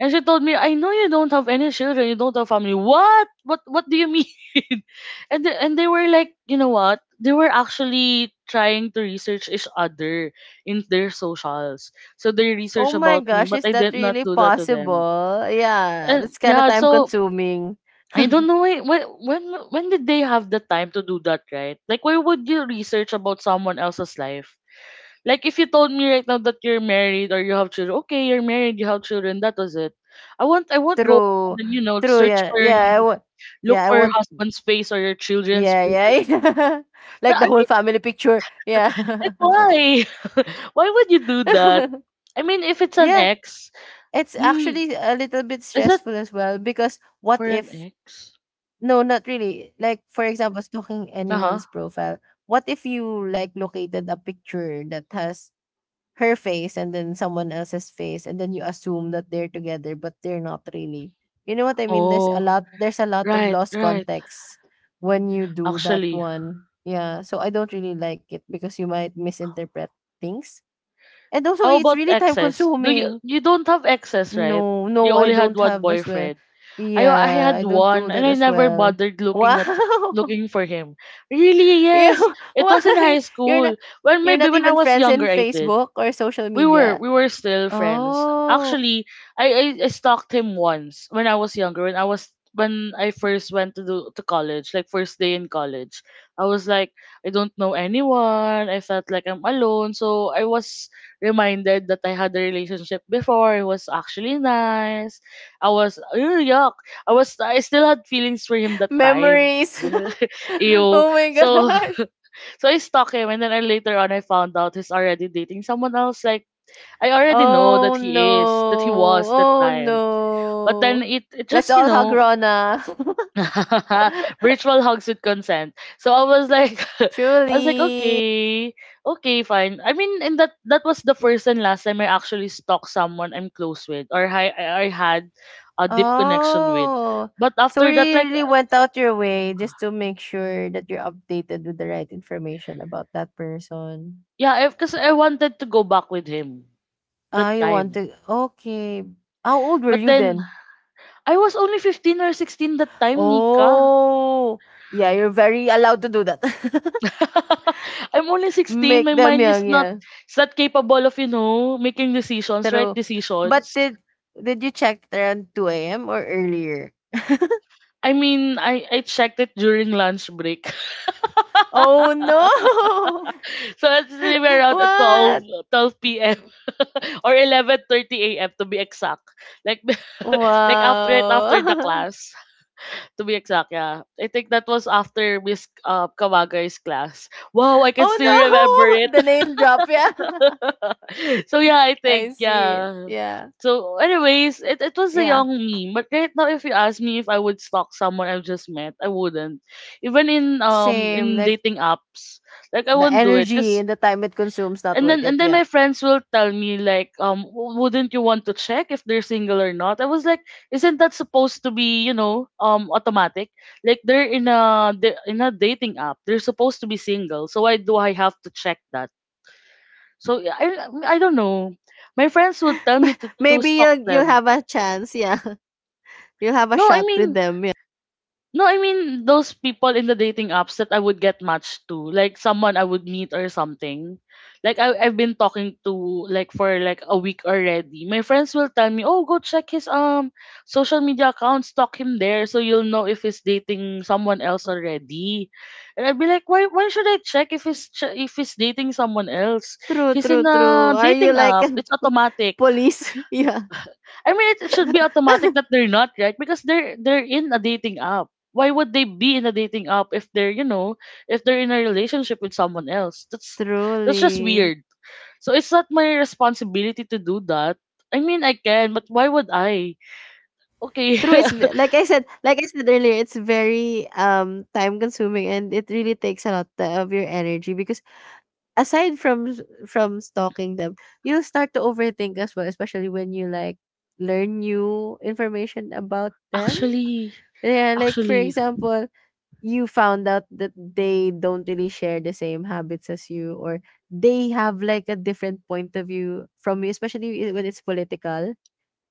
[SPEAKER 1] And she told me, I know you don't have any children, you don't have family. What? What do you mean? and The, and they were like, you know what? They were actually trying to research each other in their socials. So they
[SPEAKER 2] Oh
[SPEAKER 1] researched
[SPEAKER 2] my
[SPEAKER 1] about me,
[SPEAKER 2] gosh,
[SPEAKER 1] but
[SPEAKER 2] is
[SPEAKER 1] I
[SPEAKER 2] that
[SPEAKER 1] did not
[SPEAKER 2] really
[SPEAKER 1] do that to them.
[SPEAKER 2] possible? Yeah,
[SPEAKER 1] And
[SPEAKER 2] that's kinda
[SPEAKER 1] yeah,
[SPEAKER 2] time
[SPEAKER 1] so
[SPEAKER 2] consuming.
[SPEAKER 1] I don't know why, when did they have the time to do that, right? Like why would you research about someone else's life? Like if you told me right now that you're married or you have children, okay, you're married, you have children, that was it. I won't go and
[SPEAKER 2] True.
[SPEAKER 1] then,
[SPEAKER 2] True,
[SPEAKER 1] search
[SPEAKER 2] yeah.
[SPEAKER 1] for your
[SPEAKER 2] Yeah, I want,
[SPEAKER 1] look
[SPEAKER 2] yeah, I
[SPEAKER 1] for your
[SPEAKER 2] want,
[SPEAKER 1] husband's face or your children's
[SPEAKER 2] yeah, yeah,
[SPEAKER 1] face.
[SPEAKER 2] yeah. Like
[SPEAKER 1] I
[SPEAKER 2] the whole
[SPEAKER 1] mean,
[SPEAKER 2] family picture. Yeah.
[SPEAKER 1] like why? Why would you do that? I mean, if it's an
[SPEAKER 2] Yeah.
[SPEAKER 1] ex,
[SPEAKER 2] It's
[SPEAKER 1] mm,
[SPEAKER 2] actually a little bit
[SPEAKER 1] is that
[SPEAKER 2] stressful as well, because what
[SPEAKER 1] for an
[SPEAKER 2] if,
[SPEAKER 1] ex?
[SPEAKER 2] No, not really. Like, for example, stalking
[SPEAKER 1] Uh huh.
[SPEAKER 2] anyone's profile. What if you like located a picture that has her face and then someone else's face, and then you assume that they're together, but they're not really. You know what I mean? There's a
[SPEAKER 1] Oh,
[SPEAKER 2] lot. There's a lot of
[SPEAKER 1] right,
[SPEAKER 2] lost
[SPEAKER 1] right.
[SPEAKER 2] context when you do that
[SPEAKER 1] Actually,
[SPEAKER 2] one. Yeah. So I don't really like it because you might misinterpret things, and also
[SPEAKER 1] How
[SPEAKER 2] it's
[SPEAKER 1] about
[SPEAKER 2] really time
[SPEAKER 1] exes? Do you
[SPEAKER 2] consuming.
[SPEAKER 1] you don't have exes, right?
[SPEAKER 2] No,
[SPEAKER 1] You
[SPEAKER 2] no, I
[SPEAKER 1] only had
[SPEAKER 2] don't
[SPEAKER 1] one
[SPEAKER 2] have as well.
[SPEAKER 1] boyfriend. I
[SPEAKER 2] Yeah,
[SPEAKER 1] had
[SPEAKER 2] I don't
[SPEAKER 1] one
[SPEAKER 2] do
[SPEAKER 1] and
[SPEAKER 2] that
[SPEAKER 1] I
[SPEAKER 2] as
[SPEAKER 1] never
[SPEAKER 2] well.
[SPEAKER 1] bothered
[SPEAKER 2] Wow.
[SPEAKER 1] looking for him. Really?
[SPEAKER 2] Yeah,
[SPEAKER 1] Yes. It was in
[SPEAKER 2] why?
[SPEAKER 1] high
[SPEAKER 2] You're not,
[SPEAKER 1] school. When
[SPEAKER 2] you're
[SPEAKER 1] maybe
[SPEAKER 2] not
[SPEAKER 1] when I
[SPEAKER 2] even
[SPEAKER 1] was
[SPEAKER 2] friends in
[SPEAKER 1] younger I did.
[SPEAKER 2] Facebook or social
[SPEAKER 1] we were
[SPEAKER 2] media?
[SPEAKER 1] we were still friends.
[SPEAKER 2] Oh,
[SPEAKER 1] Actually, I stalked him once when I was younger. When I first went to college, like first day in college, I was like, I don't know anyone. I felt like I'm alone. So I was reminded that I had a relationship before. It was actually nice. I was, "Ew, yuck. I still had feelings for him that time."
[SPEAKER 2] memories.
[SPEAKER 1] Ew.
[SPEAKER 2] Oh my
[SPEAKER 1] So
[SPEAKER 2] gosh.
[SPEAKER 1] so I stalked him, and then later on I found out he's already dating someone else. Like I already know that
[SPEAKER 2] Oh no.
[SPEAKER 1] that he was that
[SPEAKER 2] Oh
[SPEAKER 1] time. But then
[SPEAKER 2] no.
[SPEAKER 1] it
[SPEAKER 2] Let's
[SPEAKER 1] just, you
[SPEAKER 2] all hug
[SPEAKER 1] know,
[SPEAKER 2] Rona.
[SPEAKER 1] virtual hugs with consent. So I was like, I was like,
[SPEAKER 2] Truly.
[SPEAKER 1] okay, fine. I mean, and that was the first and last time I actually stalked someone I'm close with, or I had a deep connection with.
[SPEAKER 2] Oh.
[SPEAKER 1] But
[SPEAKER 2] So
[SPEAKER 1] after that,
[SPEAKER 2] you
[SPEAKER 1] like,
[SPEAKER 2] really went out your way just to make sure that you're updated with the right information about that person.
[SPEAKER 1] yeah, because I wanted to go back with him
[SPEAKER 2] Ah,
[SPEAKER 1] that
[SPEAKER 2] you want
[SPEAKER 1] time.
[SPEAKER 2] to, okay. How old were
[SPEAKER 1] But
[SPEAKER 2] you
[SPEAKER 1] then
[SPEAKER 2] then?
[SPEAKER 1] I was only 15 or 16 that time, Nika.
[SPEAKER 2] Oh, yeah, you're very allowed to do that.
[SPEAKER 1] I'm only 16.
[SPEAKER 2] Make
[SPEAKER 1] My
[SPEAKER 2] them
[SPEAKER 1] mind is
[SPEAKER 2] young,
[SPEAKER 1] not
[SPEAKER 2] yeah.
[SPEAKER 1] capable of, you know, making decisions, right
[SPEAKER 2] True. But
[SPEAKER 1] decisions.
[SPEAKER 2] did you check around 2 a.m. or earlier?
[SPEAKER 1] I mean, I checked it during lunch break.
[SPEAKER 2] Oh no.
[SPEAKER 1] So it's maybe around at
[SPEAKER 2] What?
[SPEAKER 1] 12 p.m. or 11:30 a.m. to be exact. Like like after the
[SPEAKER 2] Wow.
[SPEAKER 1] class, to be exact, yeah. I think that was after Miss Kawagai's class. Wow, I can still remember
[SPEAKER 2] Oh no.
[SPEAKER 1] it.
[SPEAKER 2] The name drop, yeah.
[SPEAKER 1] So yeah, I
[SPEAKER 2] I
[SPEAKER 1] think
[SPEAKER 2] see.
[SPEAKER 1] yeah.
[SPEAKER 2] Yeah.
[SPEAKER 1] So anyways, it was a
[SPEAKER 2] Yeah.
[SPEAKER 1] young me. But right now if you ask me if I would stalk someone I've just met, I wouldn't. Even in um
[SPEAKER 2] Same,
[SPEAKER 1] in
[SPEAKER 2] like
[SPEAKER 1] dating apps, like I
[SPEAKER 2] the
[SPEAKER 1] wouldn't do it
[SPEAKER 2] energy
[SPEAKER 1] cuz
[SPEAKER 2] and the time it consumes not
[SPEAKER 1] and
[SPEAKER 2] worth
[SPEAKER 1] then
[SPEAKER 2] it,
[SPEAKER 1] and then
[SPEAKER 2] yeah.
[SPEAKER 1] my friends will tell me, like, "W- wouldn't you want to check if they're single or not?" I was like, isn't that supposed to be, you know, automatic? Like they're in a dating app. They're supposed to be single. So why do I have to check that? So yeah, I don't know. My friends would tell me to
[SPEAKER 2] Maybe
[SPEAKER 1] stalk
[SPEAKER 2] you'll
[SPEAKER 1] them.
[SPEAKER 2] have a chance, yeah. You'll have a
[SPEAKER 1] No, I
[SPEAKER 2] shot with
[SPEAKER 1] mean
[SPEAKER 2] them.
[SPEAKER 1] no, I mean those people in the dating apps that I would get matched to, like someone I would meet or something. Like I've been talking to, like, for like a week already. My friends will tell me, "Oh, go check his social media account, stalk him there so you'll know if he's dating someone else already." And I'd be like, "Why should I check if he's dating someone else?
[SPEAKER 2] True,
[SPEAKER 1] He's in
[SPEAKER 2] true, true.
[SPEAKER 1] a
[SPEAKER 2] Are you
[SPEAKER 1] dating
[SPEAKER 2] like
[SPEAKER 1] app.
[SPEAKER 2] a
[SPEAKER 1] It's automatic."
[SPEAKER 2] police? Yeah,
[SPEAKER 1] I mean, it should be automatic that they're not, right? Because they're in a dating app. Why would they be in a dating app if they're, you know, if they're in a relationship with someone else? That's just
[SPEAKER 2] truly.
[SPEAKER 1] weird. So it's not my responsibility to do that. I mean, I can, but why would I? Okay,
[SPEAKER 2] True, it's like I said earlier, it's very time consuming, and it really takes a lot of your energy, because aside from from stalking them, you start to overthink as well, especially when you like learn new information about them.
[SPEAKER 1] actually,
[SPEAKER 2] Yeah, like for
[SPEAKER 1] actually,
[SPEAKER 2] example, you found out that they don't really share the same habits as you, or they have like a different point of view from you, especially when it's political.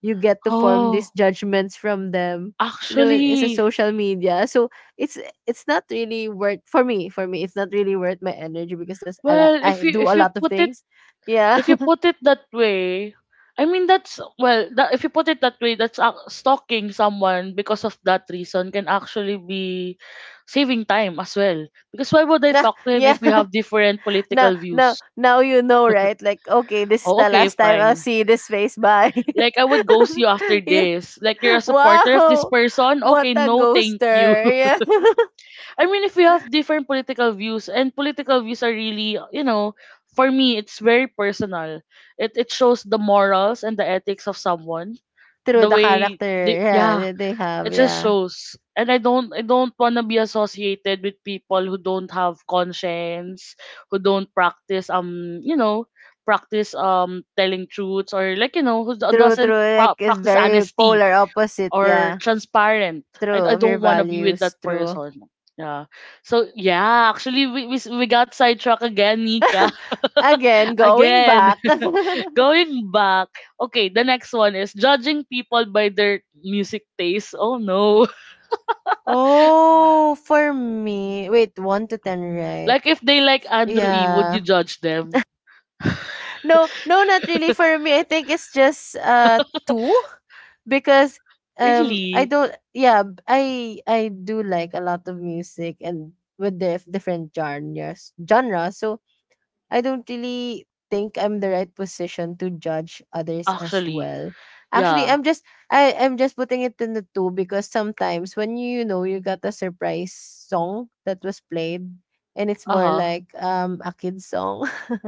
[SPEAKER 2] You get to form these
[SPEAKER 1] oh,
[SPEAKER 2] judgments from them. You know, it's a
[SPEAKER 1] actually,
[SPEAKER 2] social media, so it's it's not really worth, for me it's not really worth my energy, because there's a lot,
[SPEAKER 1] well,
[SPEAKER 2] I do a lot of things. Yeah.
[SPEAKER 1] if you put it that way, I mean if you put it that way, that's stalking someone because of that reason can actually be saving time as well. Because why would I
[SPEAKER 2] Nah,
[SPEAKER 1] talk to him
[SPEAKER 2] yeah.
[SPEAKER 1] if we have different
[SPEAKER 2] now
[SPEAKER 1] political
[SPEAKER 2] now
[SPEAKER 1] views?
[SPEAKER 2] now you know, right? Like, okay, this is
[SPEAKER 1] Oh,
[SPEAKER 2] the
[SPEAKER 1] okay,
[SPEAKER 2] last time
[SPEAKER 1] fine.
[SPEAKER 2] I'll see this face, bye.
[SPEAKER 1] Like I would ghost you after
[SPEAKER 2] Yeah.
[SPEAKER 1] this. Like you're a supporter of this
[SPEAKER 2] Wow!
[SPEAKER 1] person.
[SPEAKER 2] What
[SPEAKER 1] Okay,
[SPEAKER 2] a
[SPEAKER 1] no, thank you.
[SPEAKER 2] ghoster. Yeah.
[SPEAKER 1] I mean, if we have different political views, and political views are really, you know, for me, it's very personal. It shows the morals and the ethics of someone,
[SPEAKER 2] Through
[SPEAKER 1] the
[SPEAKER 2] the
[SPEAKER 1] way
[SPEAKER 2] character.
[SPEAKER 1] they,
[SPEAKER 2] Yeah,
[SPEAKER 1] yeah,
[SPEAKER 2] that they
[SPEAKER 1] it
[SPEAKER 2] have.
[SPEAKER 1] just
[SPEAKER 2] Yeah.
[SPEAKER 1] shows, and I don't want to be associated with people who don't have conscience, who don't practice, you know, practice telling truths, or, like, you know, who
[SPEAKER 2] True,
[SPEAKER 1] doesn't
[SPEAKER 2] true. Like, it's
[SPEAKER 1] practice
[SPEAKER 2] very
[SPEAKER 1] honesty
[SPEAKER 2] polar opposite.
[SPEAKER 1] or
[SPEAKER 2] Yeah.
[SPEAKER 1] transparent.
[SPEAKER 2] True.
[SPEAKER 1] I
[SPEAKER 2] Of your
[SPEAKER 1] don't want to be with that
[SPEAKER 2] values. True.
[SPEAKER 1] person. Yeah, so yeah, actually, we got sidetracked again, Nika.
[SPEAKER 2] Again, going
[SPEAKER 1] Again,
[SPEAKER 2] back.
[SPEAKER 1] going back, okay, the next one is judging people by their music taste. Oh no.
[SPEAKER 2] Oh, for me. Wait, 1 to 10, right?
[SPEAKER 1] Like if they like Andrew E, would you
[SPEAKER 2] Yeah.
[SPEAKER 1] judge them?
[SPEAKER 2] No, no, not really for me. I think it's just two, because I
[SPEAKER 1] Really?
[SPEAKER 2] don't, yeah, I do like a lot of music and with the different genres genre. So I don't really think I'm the right position to judge others as
[SPEAKER 1] Actually,
[SPEAKER 2] well. Actually,
[SPEAKER 1] yeah.
[SPEAKER 2] I'm just, I'm just putting it in the two, because sometimes when you know you got a surprise song that was played, and it's more
[SPEAKER 1] Uh-huh.
[SPEAKER 2] like a kid's song.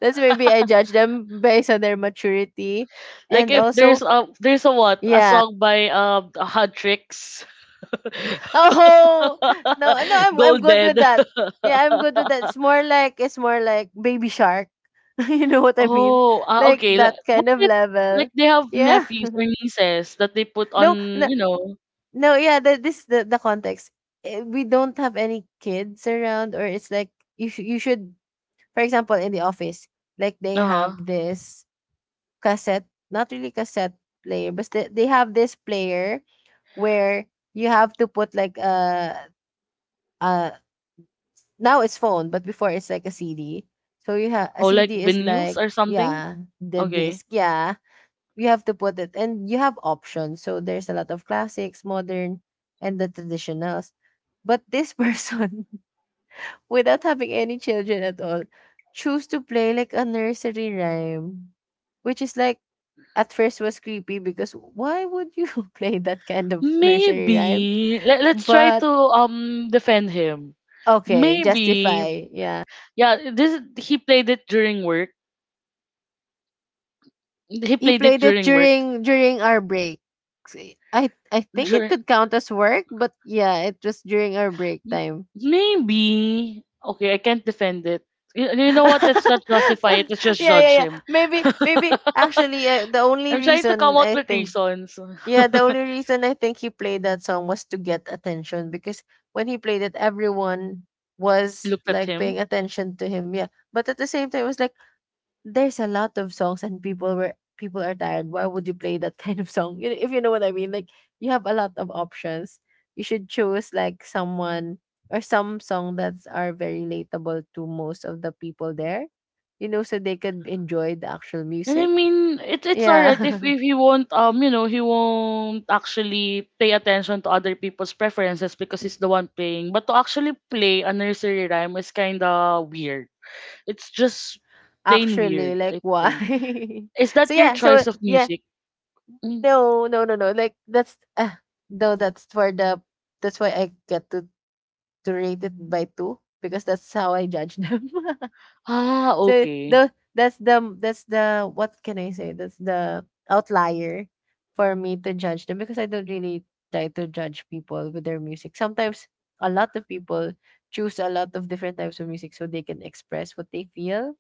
[SPEAKER 2] That's, maybe I judge them based on their maturity.
[SPEAKER 1] Like
[SPEAKER 2] And
[SPEAKER 1] if there's
[SPEAKER 2] also,
[SPEAKER 1] a what? A
[SPEAKER 2] yeah.
[SPEAKER 1] song by Huntrix.
[SPEAKER 2] Oh no, no, I'm good
[SPEAKER 1] Golden.
[SPEAKER 2] with that. Yeah, I'm good with that. It's more like, it's more like baby shark. You know what I mean?
[SPEAKER 1] Oh, ah,
[SPEAKER 2] Like
[SPEAKER 1] okay. Like,
[SPEAKER 2] that
[SPEAKER 1] what
[SPEAKER 2] kind of
[SPEAKER 1] if like
[SPEAKER 2] level.
[SPEAKER 1] they have
[SPEAKER 2] Yeah.
[SPEAKER 1] nephews or nieces that they put
[SPEAKER 2] No,
[SPEAKER 1] on,
[SPEAKER 2] no,
[SPEAKER 1] you know,
[SPEAKER 2] no, yeah, the context. Eh, we don't have any kids around, or it's like, you should, for example, in the office, like they
[SPEAKER 1] uh-huh.
[SPEAKER 2] have this cassette, not really cassette player, but they have this player where you have to put like a uh now it's phone, but before it's like a CD. So you have a
[SPEAKER 1] Oh, like
[SPEAKER 2] CD, is
[SPEAKER 1] vinyls
[SPEAKER 2] like,
[SPEAKER 1] or something?
[SPEAKER 2] yeah, the
[SPEAKER 1] Okay.
[SPEAKER 2] disc, yeah. You have to put it and you have options. So there's a lot of classics, modern, and the traditionals. But this person, without having any children at all, choose to play like a nursery rhyme, which is like, at first was creepy, because why would you play that kind of nursery rhyme?
[SPEAKER 1] Maybe. Let's try
[SPEAKER 2] But
[SPEAKER 1] to defend him.
[SPEAKER 2] okay,
[SPEAKER 1] Maybe.
[SPEAKER 2] justify. Yeah.
[SPEAKER 1] Yeah, this he played it during work. He
[SPEAKER 2] He
[SPEAKER 1] played it
[SPEAKER 2] played it
[SPEAKER 1] during work.
[SPEAKER 2] during our break. I think it
[SPEAKER 1] Dur-
[SPEAKER 2] could count as work, but yeah, it was during our break
[SPEAKER 1] m-
[SPEAKER 2] time.
[SPEAKER 1] maybe. Okay, I can't defend it. You know what? Let's not justify
[SPEAKER 2] Yeah,
[SPEAKER 1] it. Let's just
[SPEAKER 2] yeah,
[SPEAKER 1] judge
[SPEAKER 2] yeah.
[SPEAKER 1] him.
[SPEAKER 2] Maybe maybe actually the only
[SPEAKER 1] I'm trying to come
[SPEAKER 2] reason
[SPEAKER 1] out
[SPEAKER 2] I
[SPEAKER 1] with
[SPEAKER 2] think,
[SPEAKER 1] reasons.
[SPEAKER 2] yeah, the only reason I think he played that song was to get attention, because when he played it, everyone was
[SPEAKER 1] Looked at
[SPEAKER 2] like
[SPEAKER 1] him.
[SPEAKER 2] paying attention to him. Yeah. But at the same time, it was like, there's a lot of songs and people are tired. Why would you play that kind of song? You know? If you know what I mean. Like, you have a lot of options. You should choose like someone or some song that's are very relatable to most of the people there. You know, so they could enjoy the actual
[SPEAKER 1] And I
[SPEAKER 2] music.
[SPEAKER 1] mean, it's
[SPEAKER 2] Yeah.
[SPEAKER 1] alright if he won't you know he won't actually pay attention to other people's preferences because he's the one playing. But to actually play a nursery rhyme is kind of weird. It's just plain
[SPEAKER 2] Actually,
[SPEAKER 1] weird,
[SPEAKER 2] like,
[SPEAKER 1] I
[SPEAKER 2] why?
[SPEAKER 1] think. Is that
[SPEAKER 2] So
[SPEAKER 1] your
[SPEAKER 2] yeah,
[SPEAKER 1] choice
[SPEAKER 2] so
[SPEAKER 1] of
[SPEAKER 2] yeah,
[SPEAKER 1] music? Mm.
[SPEAKER 2] no, no, no, no. Like, that's no, that's for the that's why I get to rate it by two, because that's how I judge them.
[SPEAKER 1] Ah,
[SPEAKER 2] So,
[SPEAKER 1] okay.
[SPEAKER 2] the that's the, what can I say? That's the outlier for me to judge them, because I don't really try to judge people with their music. Sometimes a lot of people choose a lot of different types of music so they can express what they feel,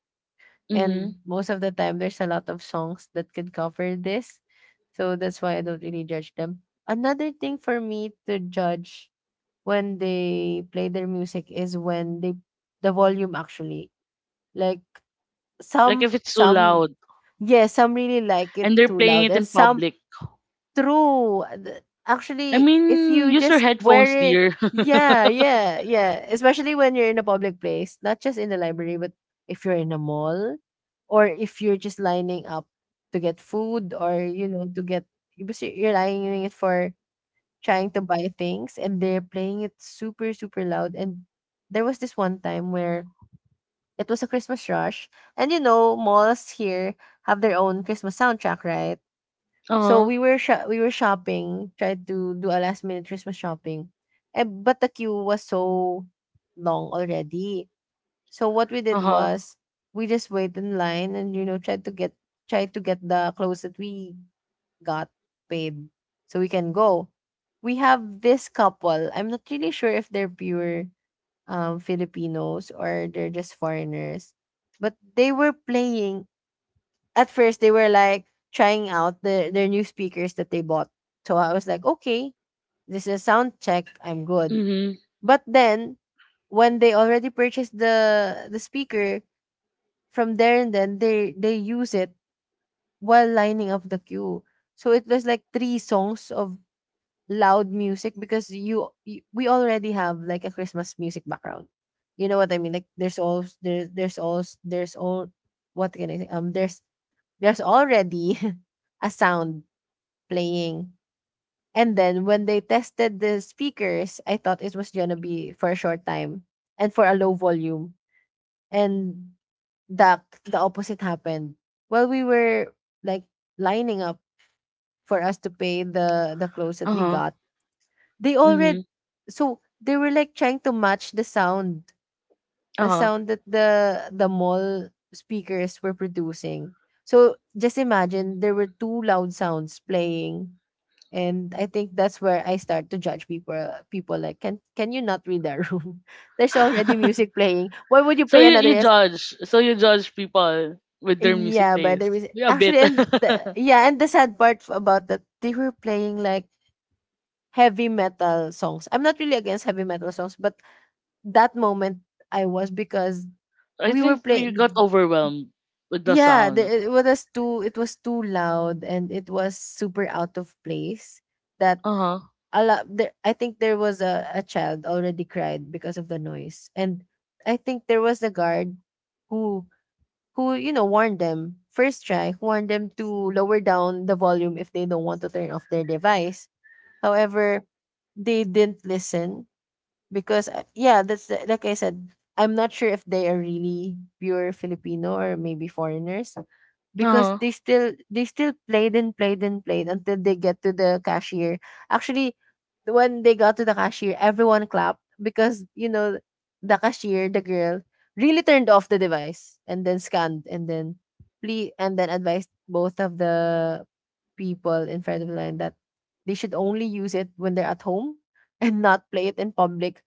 [SPEAKER 1] Mm-hmm.
[SPEAKER 2] and most of the time, there's a lot of songs that can cover this. So that's why I don't really judge them. Another thing for me to judge when they play their music is when they, the volume actually. Like,
[SPEAKER 1] Like if it's too
[SPEAKER 2] some
[SPEAKER 1] loud
[SPEAKER 2] yeah, some really like it
[SPEAKER 1] and they're
[SPEAKER 2] too
[SPEAKER 1] playing
[SPEAKER 2] loud,
[SPEAKER 1] it
[SPEAKER 2] and
[SPEAKER 1] in
[SPEAKER 2] some,
[SPEAKER 1] public.
[SPEAKER 2] true.
[SPEAKER 1] I
[SPEAKER 2] Actually, if
[SPEAKER 1] mean,
[SPEAKER 2] you
[SPEAKER 1] use your
[SPEAKER 2] just wear
[SPEAKER 1] headphones,
[SPEAKER 2] it,
[SPEAKER 1] dear. Uh
[SPEAKER 2] yeah, yeah, yeah. Especially when you're in a public place, not just in the library, but if you're in a mall, or if you're just lining up to get food, or, you know, to get, because you're lining it for trying to buy things, and they're playing it super, super loud. And there was this one time where it was a Christmas rush. And, you know, malls here have their own Christmas soundtrack, right? So
[SPEAKER 1] huh.
[SPEAKER 2] we were shopping, tried to do a last minute Christmas shopping, eh, but the queue was so long already. So what we
[SPEAKER 1] Uh
[SPEAKER 2] did
[SPEAKER 1] huh.
[SPEAKER 2] was, we just wait in line and you know, tried to get, tried to get the clothes that we got, paid, so we can go. We have this couple. I'm not really sure if they're pure Filipinos or they're just foreigners, but they were playing, at first they were like trying out their new speakers that they bought. So I was like, okay, this is a sound check, I'm good.
[SPEAKER 1] Mm hmm.
[SPEAKER 2] But then when they already purchased the speaker, from there, and then they use it while lining up the queue. So it was like three songs of loud music, because you, we already have like a Christmas music background. You know what I mean? Like, there's all, what can I say? There's already a sound playing. And then when they tested the speakers, I thought it was gonna be for a short time and for a low volume. And the opposite happened. While we were like lining up for us to pay the clothes
[SPEAKER 1] Uh
[SPEAKER 2] that we
[SPEAKER 1] huh.
[SPEAKER 2] got, they
[SPEAKER 1] Mm
[SPEAKER 2] already, so they were like trying to match
[SPEAKER 1] hmm.
[SPEAKER 2] the
[SPEAKER 1] Uh
[SPEAKER 2] sound that the mall speakers were producing. So just imagine there were two loud sounds playing, and I think that's where I start to judge people, people like, can you not read that room? There's already
[SPEAKER 1] huh.
[SPEAKER 2] music playing. Why would you
[SPEAKER 1] So
[SPEAKER 2] play
[SPEAKER 1] you
[SPEAKER 2] another,
[SPEAKER 1] you
[SPEAKER 2] yes?
[SPEAKER 1] judge. So you judge people with their music
[SPEAKER 2] Yeah, by the
[SPEAKER 1] taste.
[SPEAKER 2] reason
[SPEAKER 1] Yeah, a
[SPEAKER 2] actually,
[SPEAKER 1] bit.
[SPEAKER 2] and the, yeah, and the sad part about that, they were playing like heavy metal songs. I'm not really against heavy metal songs, but that moment I was, because
[SPEAKER 1] I
[SPEAKER 2] we were
[SPEAKER 1] think we got
[SPEAKER 2] playing.
[SPEAKER 1] overwhelmed with the
[SPEAKER 2] Yeah, the,
[SPEAKER 1] sound.
[SPEAKER 2] it was too, it was too loud and it was super out of place. That
[SPEAKER 1] Uh-huh.
[SPEAKER 2] a lot. There, I think there was a child already cried because of the noise, and I think there was a guard who, you know, warned them first, try warned them to lower down the volume if they don't want to turn off their device. However, they didn't listen, because yeah, that's the, like I said, I'm not sure if they are really pure Filipino or maybe foreigners, because
[SPEAKER 1] Uh-huh.
[SPEAKER 2] they still played and played and played until they get to the cashier, actually, when they got to the cashier everyone clapped, because you know, the cashier, the girl really turned off the device, and then scanned, and then plea, and then advised both of the people in front of the line that they should only use it when they're at home, and not play it in public,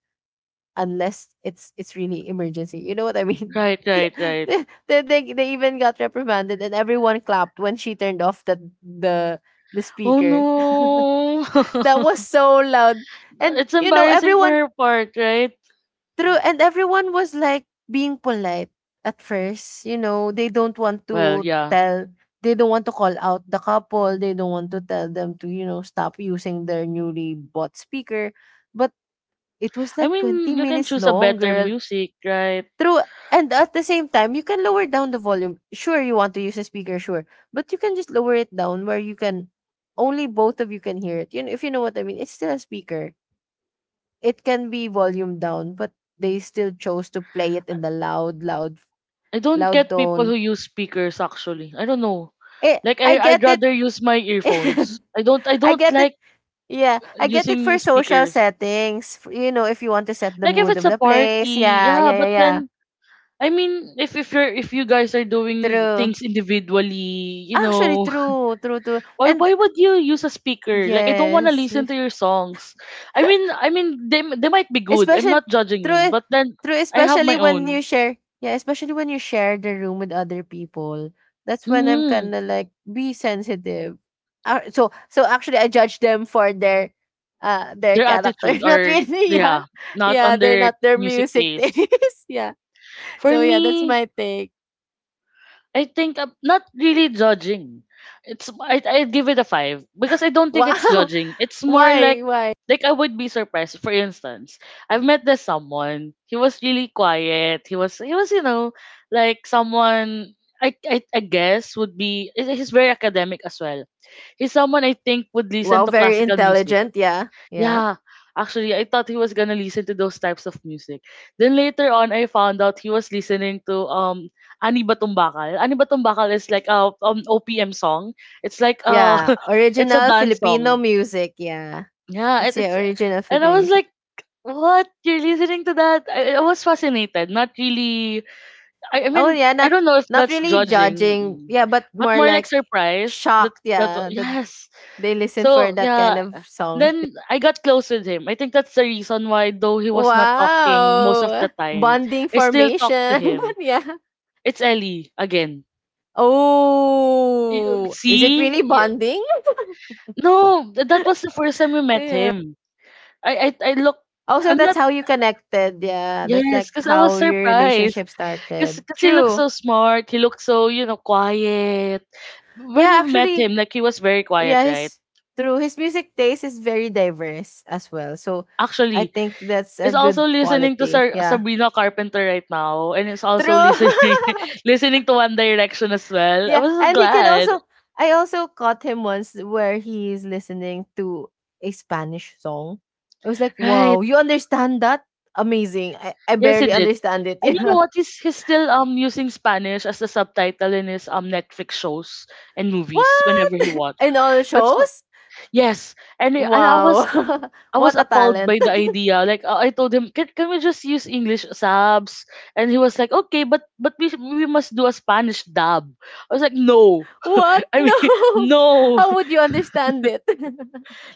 [SPEAKER 2] unless it's, it's really emergency. You know what I mean?
[SPEAKER 1] Right, right, right.
[SPEAKER 2] They even got reprimanded, and everyone clapped when she turned off the
[SPEAKER 1] Oh
[SPEAKER 2] speaker. That
[SPEAKER 1] no.
[SPEAKER 2] was so loud. And
[SPEAKER 1] It's
[SPEAKER 2] you know,
[SPEAKER 1] embarrassing for
[SPEAKER 2] everyone
[SPEAKER 1] her part, right?
[SPEAKER 2] through, and everyone was like being polite at first. You know, they don't want
[SPEAKER 1] Well,
[SPEAKER 2] to
[SPEAKER 1] yeah.
[SPEAKER 2] tell, they don't want to call out the couple. They don't want to tell them to, you know, stop using their newly bought speaker. But it was
[SPEAKER 1] I
[SPEAKER 2] like 20
[SPEAKER 1] mean, you can
[SPEAKER 2] minutes
[SPEAKER 1] choose a
[SPEAKER 2] long,
[SPEAKER 1] better
[SPEAKER 2] girl.
[SPEAKER 1] music, right?
[SPEAKER 2] True, and at the same time, you can lower down the volume. Sure, you want to use a speaker, sure, but you can just lower it down where you can, only both of you can hear it. You know, if you know what I mean, it's still a speaker. It can be volume down, but they still chose to play it in the loud, loud,
[SPEAKER 1] I don't
[SPEAKER 2] loud
[SPEAKER 1] get people who
[SPEAKER 2] tone.
[SPEAKER 1] use speakers actually. I don't know.
[SPEAKER 2] Eh,
[SPEAKER 1] Like
[SPEAKER 2] I
[SPEAKER 1] I'd
[SPEAKER 2] get it.
[SPEAKER 1] rather use my earphones. I
[SPEAKER 2] I
[SPEAKER 1] don't
[SPEAKER 2] get it.
[SPEAKER 1] like
[SPEAKER 2] Yeah, I get it
[SPEAKER 1] using
[SPEAKER 2] for social
[SPEAKER 1] speakers.
[SPEAKER 2] settings. You know, if you want to set the
[SPEAKER 1] Like if
[SPEAKER 2] mood
[SPEAKER 1] it's
[SPEAKER 2] of
[SPEAKER 1] a
[SPEAKER 2] the place.
[SPEAKER 1] party,
[SPEAKER 2] Yeah,
[SPEAKER 1] yeah,
[SPEAKER 2] yeah,
[SPEAKER 1] but
[SPEAKER 2] yeah, yeah.
[SPEAKER 1] then I mean if you're if you guys are doing
[SPEAKER 2] True.
[SPEAKER 1] things individually, you
[SPEAKER 2] Actually,
[SPEAKER 1] know,
[SPEAKER 2] true, true, true.
[SPEAKER 1] why
[SPEAKER 2] And
[SPEAKER 1] why would you use a speaker? Like I don't want to
[SPEAKER 2] yes.
[SPEAKER 1] listen to your songs. I mean they might be good. I'm
[SPEAKER 2] Especially,
[SPEAKER 1] not judging you,
[SPEAKER 2] through
[SPEAKER 1] but then
[SPEAKER 2] through
[SPEAKER 1] I have
[SPEAKER 2] especially
[SPEAKER 1] my
[SPEAKER 2] when
[SPEAKER 1] own.
[SPEAKER 2] you share, yeah, especially when you share the room with other people. That's when I'm
[SPEAKER 1] Mhm.
[SPEAKER 2] kinda like be sensitive. Ah, so, so actually I judge them for their
[SPEAKER 1] Their
[SPEAKER 2] character.
[SPEAKER 1] attitude
[SPEAKER 2] Not
[SPEAKER 1] or
[SPEAKER 2] really, yeah.
[SPEAKER 1] yeah, not
[SPEAKER 2] Yeah, they're
[SPEAKER 1] under
[SPEAKER 2] not their
[SPEAKER 1] music
[SPEAKER 2] music
[SPEAKER 1] taste.
[SPEAKER 2] taste. Yeah.
[SPEAKER 1] For
[SPEAKER 2] So yeah, that's
[SPEAKER 1] me,
[SPEAKER 2] my take.
[SPEAKER 1] I think I'm not really judging. It's I'd give it a five because I don't think it's
[SPEAKER 2] Wow.
[SPEAKER 1] judging. It's more like
[SPEAKER 2] Why? Why?
[SPEAKER 1] like I would be surprised. For instance, I've met this someone. He was really quiet. He was, you know, like someone I guess would be he's very academic as well. He's someone I think would listen
[SPEAKER 2] Wow,
[SPEAKER 1] to
[SPEAKER 2] very
[SPEAKER 1] classical music,
[SPEAKER 2] intelligent, yeah. Yeah.
[SPEAKER 1] yeah. Actually, I thought he was gonna listen to those types of music. Then later on, I found out he was listening to Ani Batumbakal. Ani Batumbakal is like a OPM song. It's like
[SPEAKER 2] Yeah.
[SPEAKER 1] it's a
[SPEAKER 2] Original
[SPEAKER 1] dance
[SPEAKER 2] Filipino
[SPEAKER 1] song.
[SPEAKER 2] music, yeah.
[SPEAKER 1] Yeah,
[SPEAKER 2] It's yeah,
[SPEAKER 1] it's
[SPEAKER 2] original
[SPEAKER 1] and I
[SPEAKER 2] Filipino
[SPEAKER 1] was
[SPEAKER 2] music.
[SPEAKER 1] like, what, you're listening to that? I was fascinated. Not really. I
[SPEAKER 2] Oh,
[SPEAKER 1] mean,
[SPEAKER 2] yeah,
[SPEAKER 1] I
[SPEAKER 2] not
[SPEAKER 1] don't know if
[SPEAKER 2] not
[SPEAKER 1] that's
[SPEAKER 2] really
[SPEAKER 1] judging,
[SPEAKER 2] judging, yeah, but
[SPEAKER 1] but
[SPEAKER 2] more
[SPEAKER 1] more like
[SPEAKER 2] like
[SPEAKER 1] surprised that
[SPEAKER 2] shocked, yeah, that
[SPEAKER 1] yes.
[SPEAKER 2] they listen for
[SPEAKER 1] So
[SPEAKER 2] that kind
[SPEAKER 1] yeah,
[SPEAKER 2] of song.
[SPEAKER 1] then I got close with him. I think that's the reason why, though he was not talking most of the
[SPEAKER 2] Wow!
[SPEAKER 1] time,
[SPEAKER 2] Bonding
[SPEAKER 1] I still talk to
[SPEAKER 2] formation,
[SPEAKER 1] him.
[SPEAKER 2] yeah.
[SPEAKER 1] It's Ellie again. You-
[SPEAKER 2] Oh, is it
[SPEAKER 1] See,
[SPEAKER 2] really
[SPEAKER 1] Y-
[SPEAKER 2] bonding?
[SPEAKER 1] no, that was the first time we met
[SPEAKER 2] Yeah.
[SPEAKER 1] him. I look.
[SPEAKER 2] Also,
[SPEAKER 1] I'm
[SPEAKER 2] that's
[SPEAKER 1] not.
[SPEAKER 2] how you connected. Yeah, that's
[SPEAKER 1] Yes,
[SPEAKER 2] like
[SPEAKER 1] because I was
[SPEAKER 2] how your
[SPEAKER 1] surprised.
[SPEAKER 2] relationship
[SPEAKER 1] Because
[SPEAKER 2] started.
[SPEAKER 1] he looked
[SPEAKER 2] True.
[SPEAKER 1] so smart. He looked so, you know, quiet. When
[SPEAKER 2] Yeah,
[SPEAKER 1] we met
[SPEAKER 2] actually,
[SPEAKER 1] him, like he was very quiet,
[SPEAKER 2] yeah,
[SPEAKER 1] right?
[SPEAKER 2] his true. His music taste is very diverse as well. So I
[SPEAKER 1] Actually,
[SPEAKER 2] think that's a
[SPEAKER 1] is also
[SPEAKER 2] good
[SPEAKER 1] listening to
[SPEAKER 2] quality. Yeah.
[SPEAKER 1] Sabrina Carpenter right now, and is also
[SPEAKER 2] True.
[SPEAKER 1] listening listening to One Direction as well. I
[SPEAKER 2] yeah.
[SPEAKER 1] was so
[SPEAKER 2] And he can
[SPEAKER 1] glad.
[SPEAKER 2] also I also caught him once where he is listening to a Spanish song. I was like,
[SPEAKER 1] Right.
[SPEAKER 2] wow, you understand that? Amazing. I
[SPEAKER 1] Yes, he
[SPEAKER 2] barely
[SPEAKER 1] did.
[SPEAKER 2] understand it.
[SPEAKER 1] And you know
[SPEAKER 2] Yeah.
[SPEAKER 1] what? He's still using Spanish as the subtitle in his Netflix shows and movies
[SPEAKER 2] What?
[SPEAKER 1] whenever he wants.
[SPEAKER 2] In all
[SPEAKER 1] That's so-
[SPEAKER 2] shows?
[SPEAKER 1] yes. And
[SPEAKER 2] Wow.
[SPEAKER 1] I was
[SPEAKER 2] what a
[SPEAKER 1] appalled
[SPEAKER 2] talent.
[SPEAKER 1] by the idea. Like I told him, can we just use English subs? And he was like, okay, but we must do a Spanish dub. I was like, no.
[SPEAKER 2] What?
[SPEAKER 1] I mean,
[SPEAKER 2] No.
[SPEAKER 1] no.
[SPEAKER 2] How would you understand it?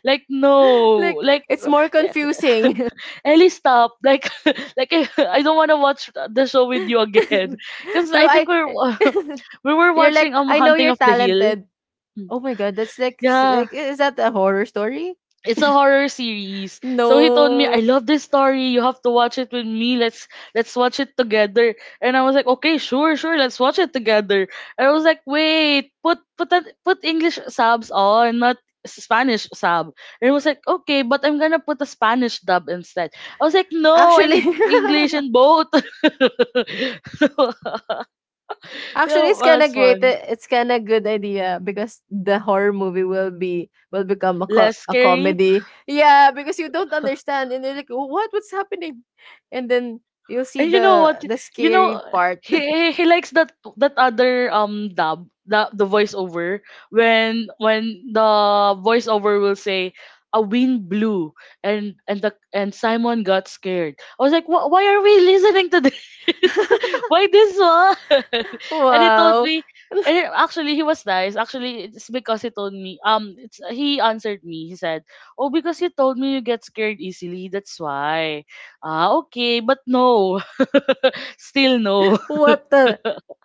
[SPEAKER 1] Like no,
[SPEAKER 2] Like
[SPEAKER 1] like
[SPEAKER 2] it's more confusing.
[SPEAKER 1] Ellie, stop. Like, like I, I don't want to watch the show with you again. Because
[SPEAKER 2] True,
[SPEAKER 1] I
[SPEAKER 2] I
[SPEAKER 1] think we're we were
[SPEAKER 2] you're like
[SPEAKER 1] watching
[SPEAKER 2] I know
[SPEAKER 1] Hunting
[SPEAKER 2] you're
[SPEAKER 1] of the Hill.
[SPEAKER 2] talented.
[SPEAKER 1] Hmm.
[SPEAKER 2] Oh my god, that's like s-
[SPEAKER 1] Yeah,
[SPEAKER 2] like is that a horror story?
[SPEAKER 1] it's a horror series. So he told me,
[SPEAKER 2] No.
[SPEAKER 1] I love this story. You have to watch it with me. Let's watch it together. And I was like, okay, sure, sure, let's watch it together. And I was like, wait, put English subs on, not Spanish sub. And it was like, okay, but I'm gonna put a Spanish dub instead. I was like, no, I
[SPEAKER 2] Actually,
[SPEAKER 1] need English in both. so,
[SPEAKER 2] actually
[SPEAKER 1] So
[SPEAKER 2] it's
[SPEAKER 1] well,
[SPEAKER 2] kind
[SPEAKER 1] that's
[SPEAKER 2] of great.
[SPEAKER 1] fun.
[SPEAKER 2] It's kind of good idea because the horror movie will be will become a, co-
[SPEAKER 1] Less
[SPEAKER 2] a
[SPEAKER 1] scary.
[SPEAKER 2] comedy. Yeah, because you don't understand and you're like, "Oh, what's happening?" And then you'll see
[SPEAKER 1] And you know what?
[SPEAKER 2] the
[SPEAKER 1] You
[SPEAKER 2] scary
[SPEAKER 1] know
[SPEAKER 2] part.
[SPEAKER 1] he likes that that other dub, the voiceover. When the voiceover will say a wind blew and Simon got scared. I was like, "Wh- why are we listening to this? Why this one?" And he told
[SPEAKER 2] Wow.
[SPEAKER 1] me. And actually, he was nice. Actually, it's because he told me. It's he answered me. He said, "Oh, because you told me you get scared easily. That's why." Ah, okay, but no. Still no.
[SPEAKER 2] What a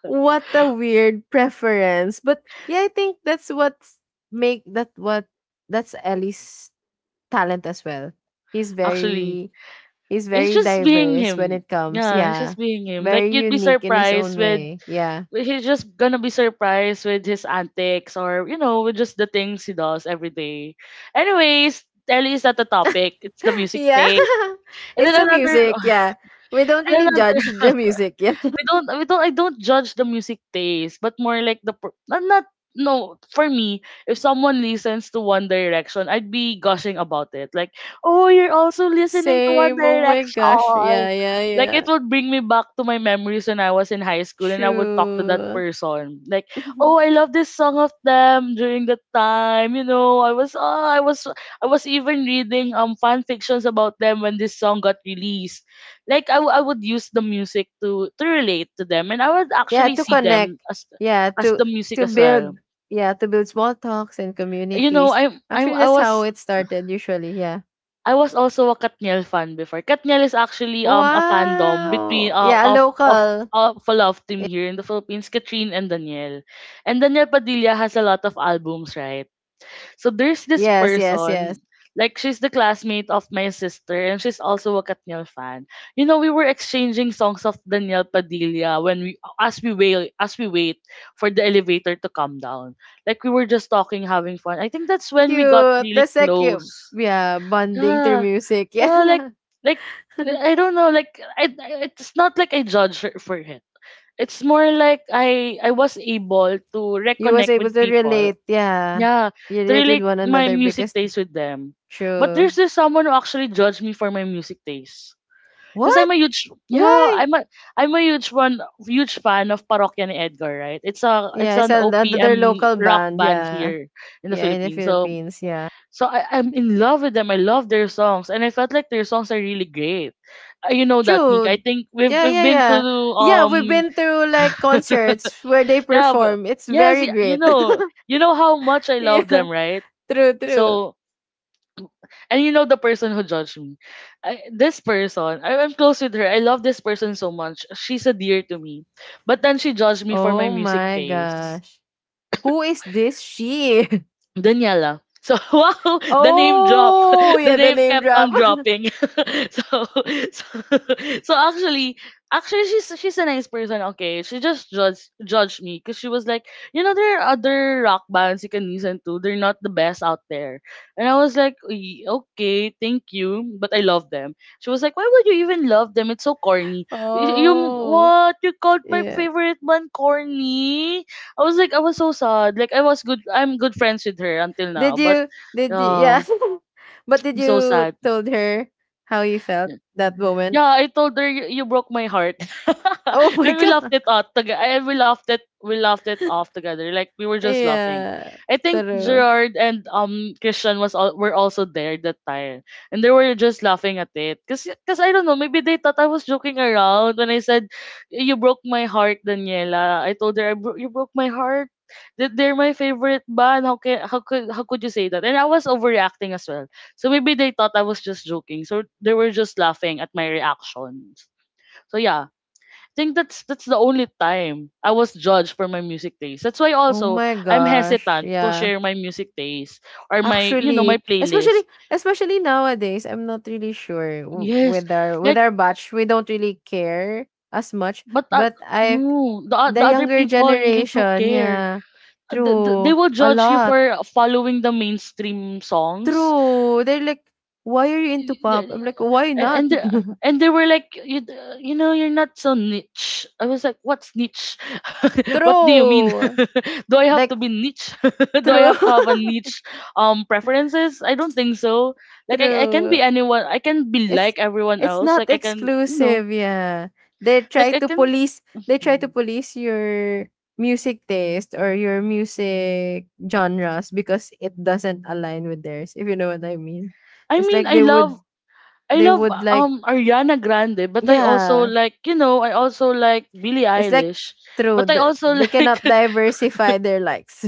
[SPEAKER 2] weird preference. But yeah, I think that's what's make that what that's Ellie's talent as well. He's
[SPEAKER 1] Actually,
[SPEAKER 2] very he's
[SPEAKER 1] it's
[SPEAKER 2] very
[SPEAKER 1] just being
[SPEAKER 2] diverse when
[SPEAKER 1] him.
[SPEAKER 2] it comes.
[SPEAKER 1] Yeah, it's
[SPEAKER 2] Yeah.
[SPEAKER 1] just being him. Like
[SPEAKER 2] Very
[SPEAKER 1] you'd be
[SPEAKER 2] unique in his
[SPEAKER 1] surprised
[SPEAKER 2] own
[SPEAKER 1] with
[SPEAKER 2] way. Yeah.
[SPEAKER 1] he's just gonna be surprised with his antics, or you know with just the things he does every day. Anyways, Ellie is not the topic. It's the music
[SPEAKER 2] Yeah.
[SPEAKER 1] thing. And
[SPEAKER 2] It's
[SPEAKER 1] then
[SPEAKER 2] the
[SPEAKER 1] another,
[SPEAKER 2] music, yeah. We don't
[SPEAKER 1] and
[SPEAKER 2] really
[SPEAKER 1] another.
[SPEAKER 2] judge the music, yeah.
[SPEAKER 1] We don't I don't judge the music taste, but more like not, not no. For me, if someone listens to One Direction, I'd be gushing about it like, oh, you're also listening to One
[SPEAKER 2] Same. Oh my gosh.
[SPEAKER 1] Direction.
[SPEAKER 2] Yeah, yeah,
[SPEAKER 1] Like
[SPEAKER 2] yeah.
[SPEAKER 1] it would bring me back to my memories when I was in high school and I would talk to that
[SPEAKER 2] True.
[SPEAKER 1] person. Like, oh I love this song of them during that time, you know. I was even reading fan fictions about them when this song got released. Like I would use the music to relate to them, and I would
[SPEAKER 2] Yeah,
[SPEAKER 1] actually
[SPEAKER 2] to
[SPEAKER 1] see them
[SPEAKER 2] connect. Yeah,
[SPEAKER 1] as
[SPEAKER 2] to
[SPEAKER 1] the music
[SPEAKER 2] to
[SPEAKER 1] as well.
[SPEAKER 2] build. Yeah, to build small talks and
[SPEAKER 1] You know,
[SPEAKER 2] communities. Actually, that's how it started usually. Yeah.
[SPEAKER 1] I was also a Katniel fan before. Katniel is actually a fandom between
[SPEAKER 2] Wow. Yeah, a local.
[SPEAKER 1] of a love team here in the Philippines, Katrine and Danielle. And Danielle Padilla has a lot of albums, right? So there's this
[SPEAKER 2] Yes, yes, yes.
[SPEAKER 1] person, like she's the classmate of my sister and she's also a Katniel fan. You know, we were exchanging songs of Daniel Padilla when we as we wait for the elevator to come down. Like we were just talking, having fun. I think that's when we got
[SPEAKER 2] Cute.
[SPEAKER 1] really
[SPEAKER 2] That's like cute.
[SPEAKER 1] close.
[SPEAKER 2] Yeah, bonding through
[SPEAKER 1] Yeah.
[SPEAKER 2] music.
[SPEAKER 1] Yeah, like
[SPEAKER 2] Yeah.
[SPEAKER 1] like I don't know, I, it's not like I judge her for it. It's more like I was able to
[SPEAKER 2] You was
[SPEAKER 1] reconnect
[SPEAKER 2] able
[SPEAKER 1] with
[SPEAKER 2] to
[SPEAKER 1] people,
[SPEAKER 2] relate. Yeah.
[SPEAKER 1] yeah,
[SPEAKER 2] You
[SPEAKER 1] to
[SPEAKER 2] relate with
[SPEAKER 1] relate
[SPEAKER 2] one
[SPEAKER 1] my
[SPEAKER 2] another
[SPEAKER 1] music
[SPEAKER 2] because
[SPEAKER 1] taste with them. But
[SPEAKER 2] true.
[SPEAKER 1] there's this someone who actually judged me for my music taste. Because
[SPEAKER 2] What?
[SPEAKER 1] I'm a huge Yeah,
[SPEAKER 2] Why?
[SPEAKER 1] I'm a huge fan of Parokya ni Edgar, right? It's
[SPEAKER 2] Yeah, it's
[SPEAKER 1] an
[SPEAKER 2] an- another
[SPEAKER 1] OPM
[SPEAKER 2] local
[SPEAKER 1] rock
[SPEAKER 2] band.
[SPEAKER 1] band
[SPEAKER 2] Yeah.
[SPEAKER 1] here in the
[SPEAKER 2] Yeah, in the
[SPEAKER 1] Philippines. So
[SPEAKER 2] Philippines. Yeah.
[SPEAKER 1] I'm in love with them. I love their songs. And I felt like their songs are really great. You know that, Nick. I
[SPEAKER 2] True.
[SPEAKER 1] think we've
[SPEAKER 2] Yeah,
[SPEAKER 1] we've
[SPEAKER 2] yeah,
[SPEAKER 1] been to
[SPEAKER 2] yeah. Yeah,
[SPEAKER 1] um
[SPEAKER 2] we've been through like concerts where they
[SPEAKER 1] yeah,
[SPEAKER 2] perform. It's
[SPEAKER 1] yes,
[SPEAKER 2] very great.
[SPEAKER 1] you know how much I love
[SPEAKER 2] yeah.
[SPEAKER 1] them, right?
[SPEAKER 2] True, true.
[SPEAKER 1] So. And you know the person who judged me. This person, I'm close with her. I love this person so much. She's a dear to me. But then she judged me for my
[SPEAKER 2] Oh
[SPEAKER 1] music
[SPEAKER 2] my
[SPEAKER 1] taste.
[SPEAKER 2] gosh. Who is this she?
[SPEAKER 1] Daniela. So wow, the name drop.
[SPEAKER 2] Oh,
[SPEAKER 1] The
[SPEAKER 2] yeah, the
[SPEAKER 1] name
[SPEAKER 2] name
[SPEAKER 1] kept
[SPEAKER 2] drop.
[SPEAKER 1] on dropping. so, so so actually, actually she's a nice person, okay. She just judged me because she was like, you know, there are other rock bands you can listen to. They're not the best out there. And I was like, "Y- okay, thank you. But I love them." She was like, "Why would you even love them? It's so corny." You
[SPEAKER 2] Oh.
[SPEAKER 1] what? You called my
[SPEAKER 2] Yeah.
[SPEAKER 1] favorite band corny? I was so sad. I'm good friends with her until now,
[SPEAKER 2] Did
[SPEAKER 1] but
[SPEAKER 2] you did you yeah.
[SPEAKER 1] uh
[SPEAKER 2] But did
[SPEAKER 1] I'm so
[SPEAKER 2] you
[SPEAKER 1] sad.
[SPEAKER 2] told her how you felt that moment?
[SPEAKER 1] Yeah, I told her, you broke my heart.
[SPEAKER 2] Oh my
[SPEAKER 1] And we laughed
[SPEAKER 2] god.
[SPEAKER 1] it out together. And we laughed it off together. Like we were just laughing.
[SPEAKER 2] Yeah.
[SPEAKER 1] I think
[SPEAKER 2] True.
[SPEAKER 1] Gerard and Christian were also there that time. And they were just laughing at it. Cause I don't know, maybe they thought I was joking around when I said you broke my heart, Daniela. I told her, you broke my heart. That they're my favorite band. How could you say that? And I was overreacting as well. So maybe they thought I was just joking. So they were just laughing at my reactions. So yeah, I think that's the only time I was judged for my music taste. That's why
[SPEAKER 2] Oh
[SPEAKER 1] also
[SPEAKER 2] my
[SPEAKER 1] I'm
[SPEAKER 2] gosh.
[SPEAKER 1] hesitant to
[SPEAKER 2] Yeah.
[SPEAKER 1] share my music taste or my you know my
[SPEAKER 2] Actually,
[SPEAKER 1] playlist.
[SPEAKER 2] especially nowadays, I'm not really sure
[SPEAKER 1] Yes,
[SPEAKER 2] with
[SPEAKER 1] like
[SPEAKER 2] our batch, we don't really care as much.
[SPEAKER 1] but
[SPEAKER 2] But I,
[SPEAKER 1] no,
[SPEAKER 2] the
[SPEAKER 1] the other
[SPEAKER 2] younger
[SPEAKER 1] people really do
[SPEAKER 2] generation,
[SPEAKER 1] care.
[SPEAKER 2] yeah,
[SPEAKER 1] They
[SPEAKER 2] true,
[SPEAKER 1] will
[SPEAKER 2] a
[SPEAKER 1] judge you
[SPEAKER 2] lot,
[SPEAKER 1] for following the mainstream songs.
[SPEAKER 2] true. They're like, why are you into pop? I'm
[SPEAKER 1] the-
[SPEAKER 2] like, why
[SPEAKER 1] and and
[SPEAKER 2] not?
[SPEAKER 1] the, and they were like, you know you're not so niche. I was like, what's niche? What do you mean?
[SPEAKER 2] True,
[SPEAKER 1] Do I have to
[SPEAKER 2] like
[SPEAKER 1] be niche? Do I
[SPEAKER 2] true,
[SPEAKER 1] have to have a niche preferences? I don't think so. I can
[SPEAKER 2] true.
[SPEAKER 1] be anyone. I can be
[SPEAKER 2] It's
[SPEAKER 1] like everyone
[SPEAKER 2] it's
[SPEAKER 1] else,
[SPEAKER 2] not
[SPEAKER 1] like I can you know
[SPEAKER 2] exclusive, yeah. They try
[SPEAKER 1] like I
[SPEAKER 2] to
[SPEAKER 1] can.
[SPEAKER 2] police they try to
[SPEAKER 1] Mm.
[SPEAKER 2] police your music taste or your music genres because it doesn't align with theirs, if you know what I mean.
[SPEAKER 1] I
[SPEAKER 2] It's
[SPEAKER 1] mean,
[SPEAKER 2] like
[SPEAKER 1] I love I
[SPEAKER 2] they
[SPEAKER 1] love
[SPEAKER 2] would like
[SPEAKER 1] Ariana Grande, but I also
[SPEAKER 2] yeah.
[SPEAKER 1] like you know I also like Billie
[SPEAKER 2] It's like
[SPEAKER 1] Eilish,
[SPEAKER 2] true.
[SPEAKER 1] but I also
[SPEAKER 2] They
[SPEAKER 1] like,
[SPEAKER 2] cannot diversify their likes.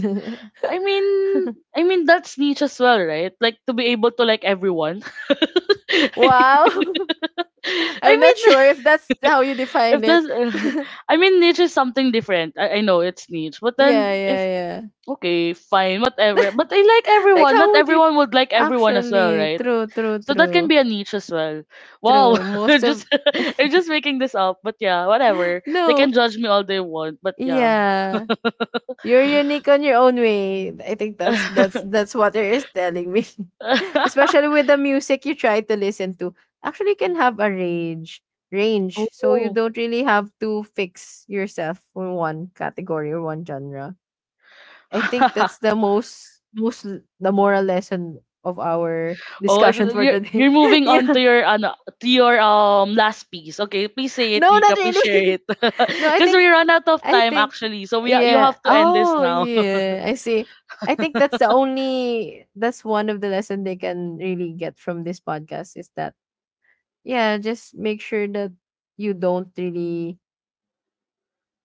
[SPEAKER 1] I mean, I mean that's niche as well, right? Like to be able to like everyone.
[SPEAKER 2] Wow.
[SPEAKER 1] I
[SPEAKER 2] I'm not sure
[SPEAKER 1] mean,
[SPEAKER 2] if that's how you define
[SPEAKER 1] if
[SPEAKER 2] it.
[SPEAKER 1] there's, I mean, niche is something different. I know it's niche, but then
[SPEAKER 2] Yeah, yeah,
[SPEAKER 1] if
[SPEAKER 2] yeah.
[SPEAKER 1] okay, fine, whatever. But I like
[SPEAKER 2] Like
[SPEAKER 1] everyone. Not
[SPEAKER 2] how would you
[SPEAKER 1] everyone would like everyone as well,
[SPEAKER 2] actually
[SPEAKER 1] right?
[SPEAKER 2] true, true,
[SPEAKER 1] So that can
[SPEAKER 2] true,
[SPEAKER 1] be a niche as well. Wow,
[SPEAKER 2] true most
[SPEAKER 1] I'm
[SPEAKER 2] of
[SPEAKER 1] just I'm just making this up, but yeah, whatever. They
[SPEAKER 2] no,
[SPEAKER 1] can judge me all they want, but yeah.
[SPEAKER 2] yeah, you're unique on your own way. I think that's what it is telling me. Especially with the music you try to listen to, actually you can have a range, so you
[SPEAKER 1] oh.
[SPEAKER 2] don't really have to fix yourself for one category or one genre. I think that's the most most the moral lesson of our
[SPEAKER 1] Oh, and
[SPEAKER 2] discussion
[SPEAKER 1] then
[SPEAKER 2] for
[SPEAKER 1] you're
[SPEAKER 2] today.
[SPEAKER 1] you're moving on
[SPEAKER 2] Yeah.
[SPEAKER 1] to your to your last piece. Okay, please say it,
[SPEAKER 2] No, not
[SPEAKER 1] Nika. Please share
[SPEAKER 2] really.
[SPEAKER 1] it,
[SPEAKER 2] No, I
[SPEAKER 1] because
[SPEAKER 2] think
[SPEAKER 1] we run out of
[SPEAKER 2] I
[SPEAKER 1] time
[SPEAKER 2] think
[SPEAKER 1] actually. So you
[SPEAKER 2] yeah.
[SPEAKER 1] have to end this
[SPEAKER 2] Oh
[SPEAKER 1] now.
[SPEAKER 2] yeah, I see. I think that's the only that's one of the lesson they can really get from this podcast is that, yeah, just make sure that you don't really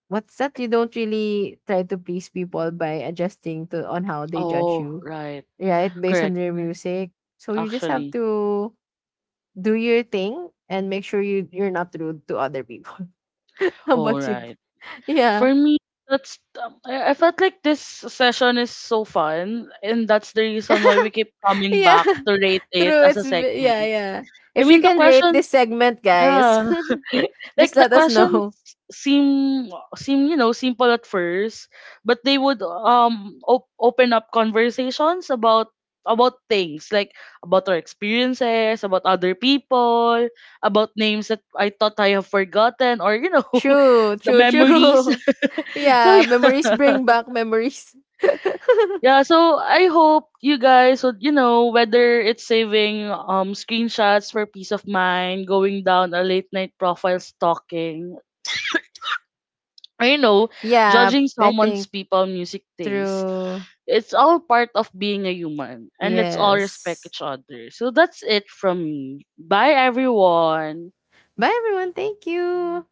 [SPEAKER 2] what's that? You don't really try to please people by adjusting to on how they judge
[SPEAKER 1] Oh
[SPEAKER 2] you.
[SPEAKER 1] right,
[SPEAKER 2] Right? Based on
[SPEAKER 1] correct.
[SPEAKER 2] their music. So you just have
[SPEAKER 1] Actually,
[SPEAKER 2] to do your thing and make sure you're not rude to other people. How
[SPEAKER 1] all
[SPEAKER 2] about you?
[SPEAKER 1] right. For
[SPEAKER 2] Yeah.
[SPEAKER 1] me, that's I felt like this session is so fun, and that's the reason why we keep coming
[SPEAKER 2] Yeah,
[SPEAKER 1] back to rate it
[SPEAKER 2] true.
[SPEAKER 1] as a segment.
[SPEAKER 2] Yeah, yeah.
[SPEAKER 1] I
[SPEAKER 2] If you
[SPEAKER 1] mean, the
[SPEAKER 2] can rate
[SPEAKER 1] questions.
[SPEAKER 2] this segment, guys,
[SPEAKER 1] Yeah. Like
[SPEAKER 2] just
[SPEAKER 1] the
[SPEAKER 2] let us
[SPEAKER 1] questions
[SPEAKER 2] know.
[SPEAKER 1] seem you know simple at first, but they would open up conversations about things like, about our experiences, about other people, about names that I thought I have forgotten, or you know
[SPEAKER 2] True,
[SPEAKER 1] the
[SPEAKER 2] true,
[SPEAKER 1] memories.
[SPEAKER 2] true.
[SPEAKER 1] So
[SPEAKER 2] Yeah, memories
[SPEAKER 1] yeah.
[SPEAKER 2] bring back memories.
[SPEAKER 1] Yeah, so I hope you guys would, you know, whether it's saving screenshots for peace of mind, going down a late night profile stalking, I know
[SPEAKER 2] Yeah,
[SPEAKER 1] judging
[SPEAKER 2] I
[SPEAKER 1] someone's
[SPEAKER 2] think
[SPEAKER 1] people music taste.
[SPEAKER 2] true.
[SPEAKER 1] It's all part of being a human, and let's all respect
[SPEAKER 2] Yes.
[SPEAKER 1] each other. So that's it from me. Bye everyone.
[SPEAKER 2] Bye, everyone. Thank you.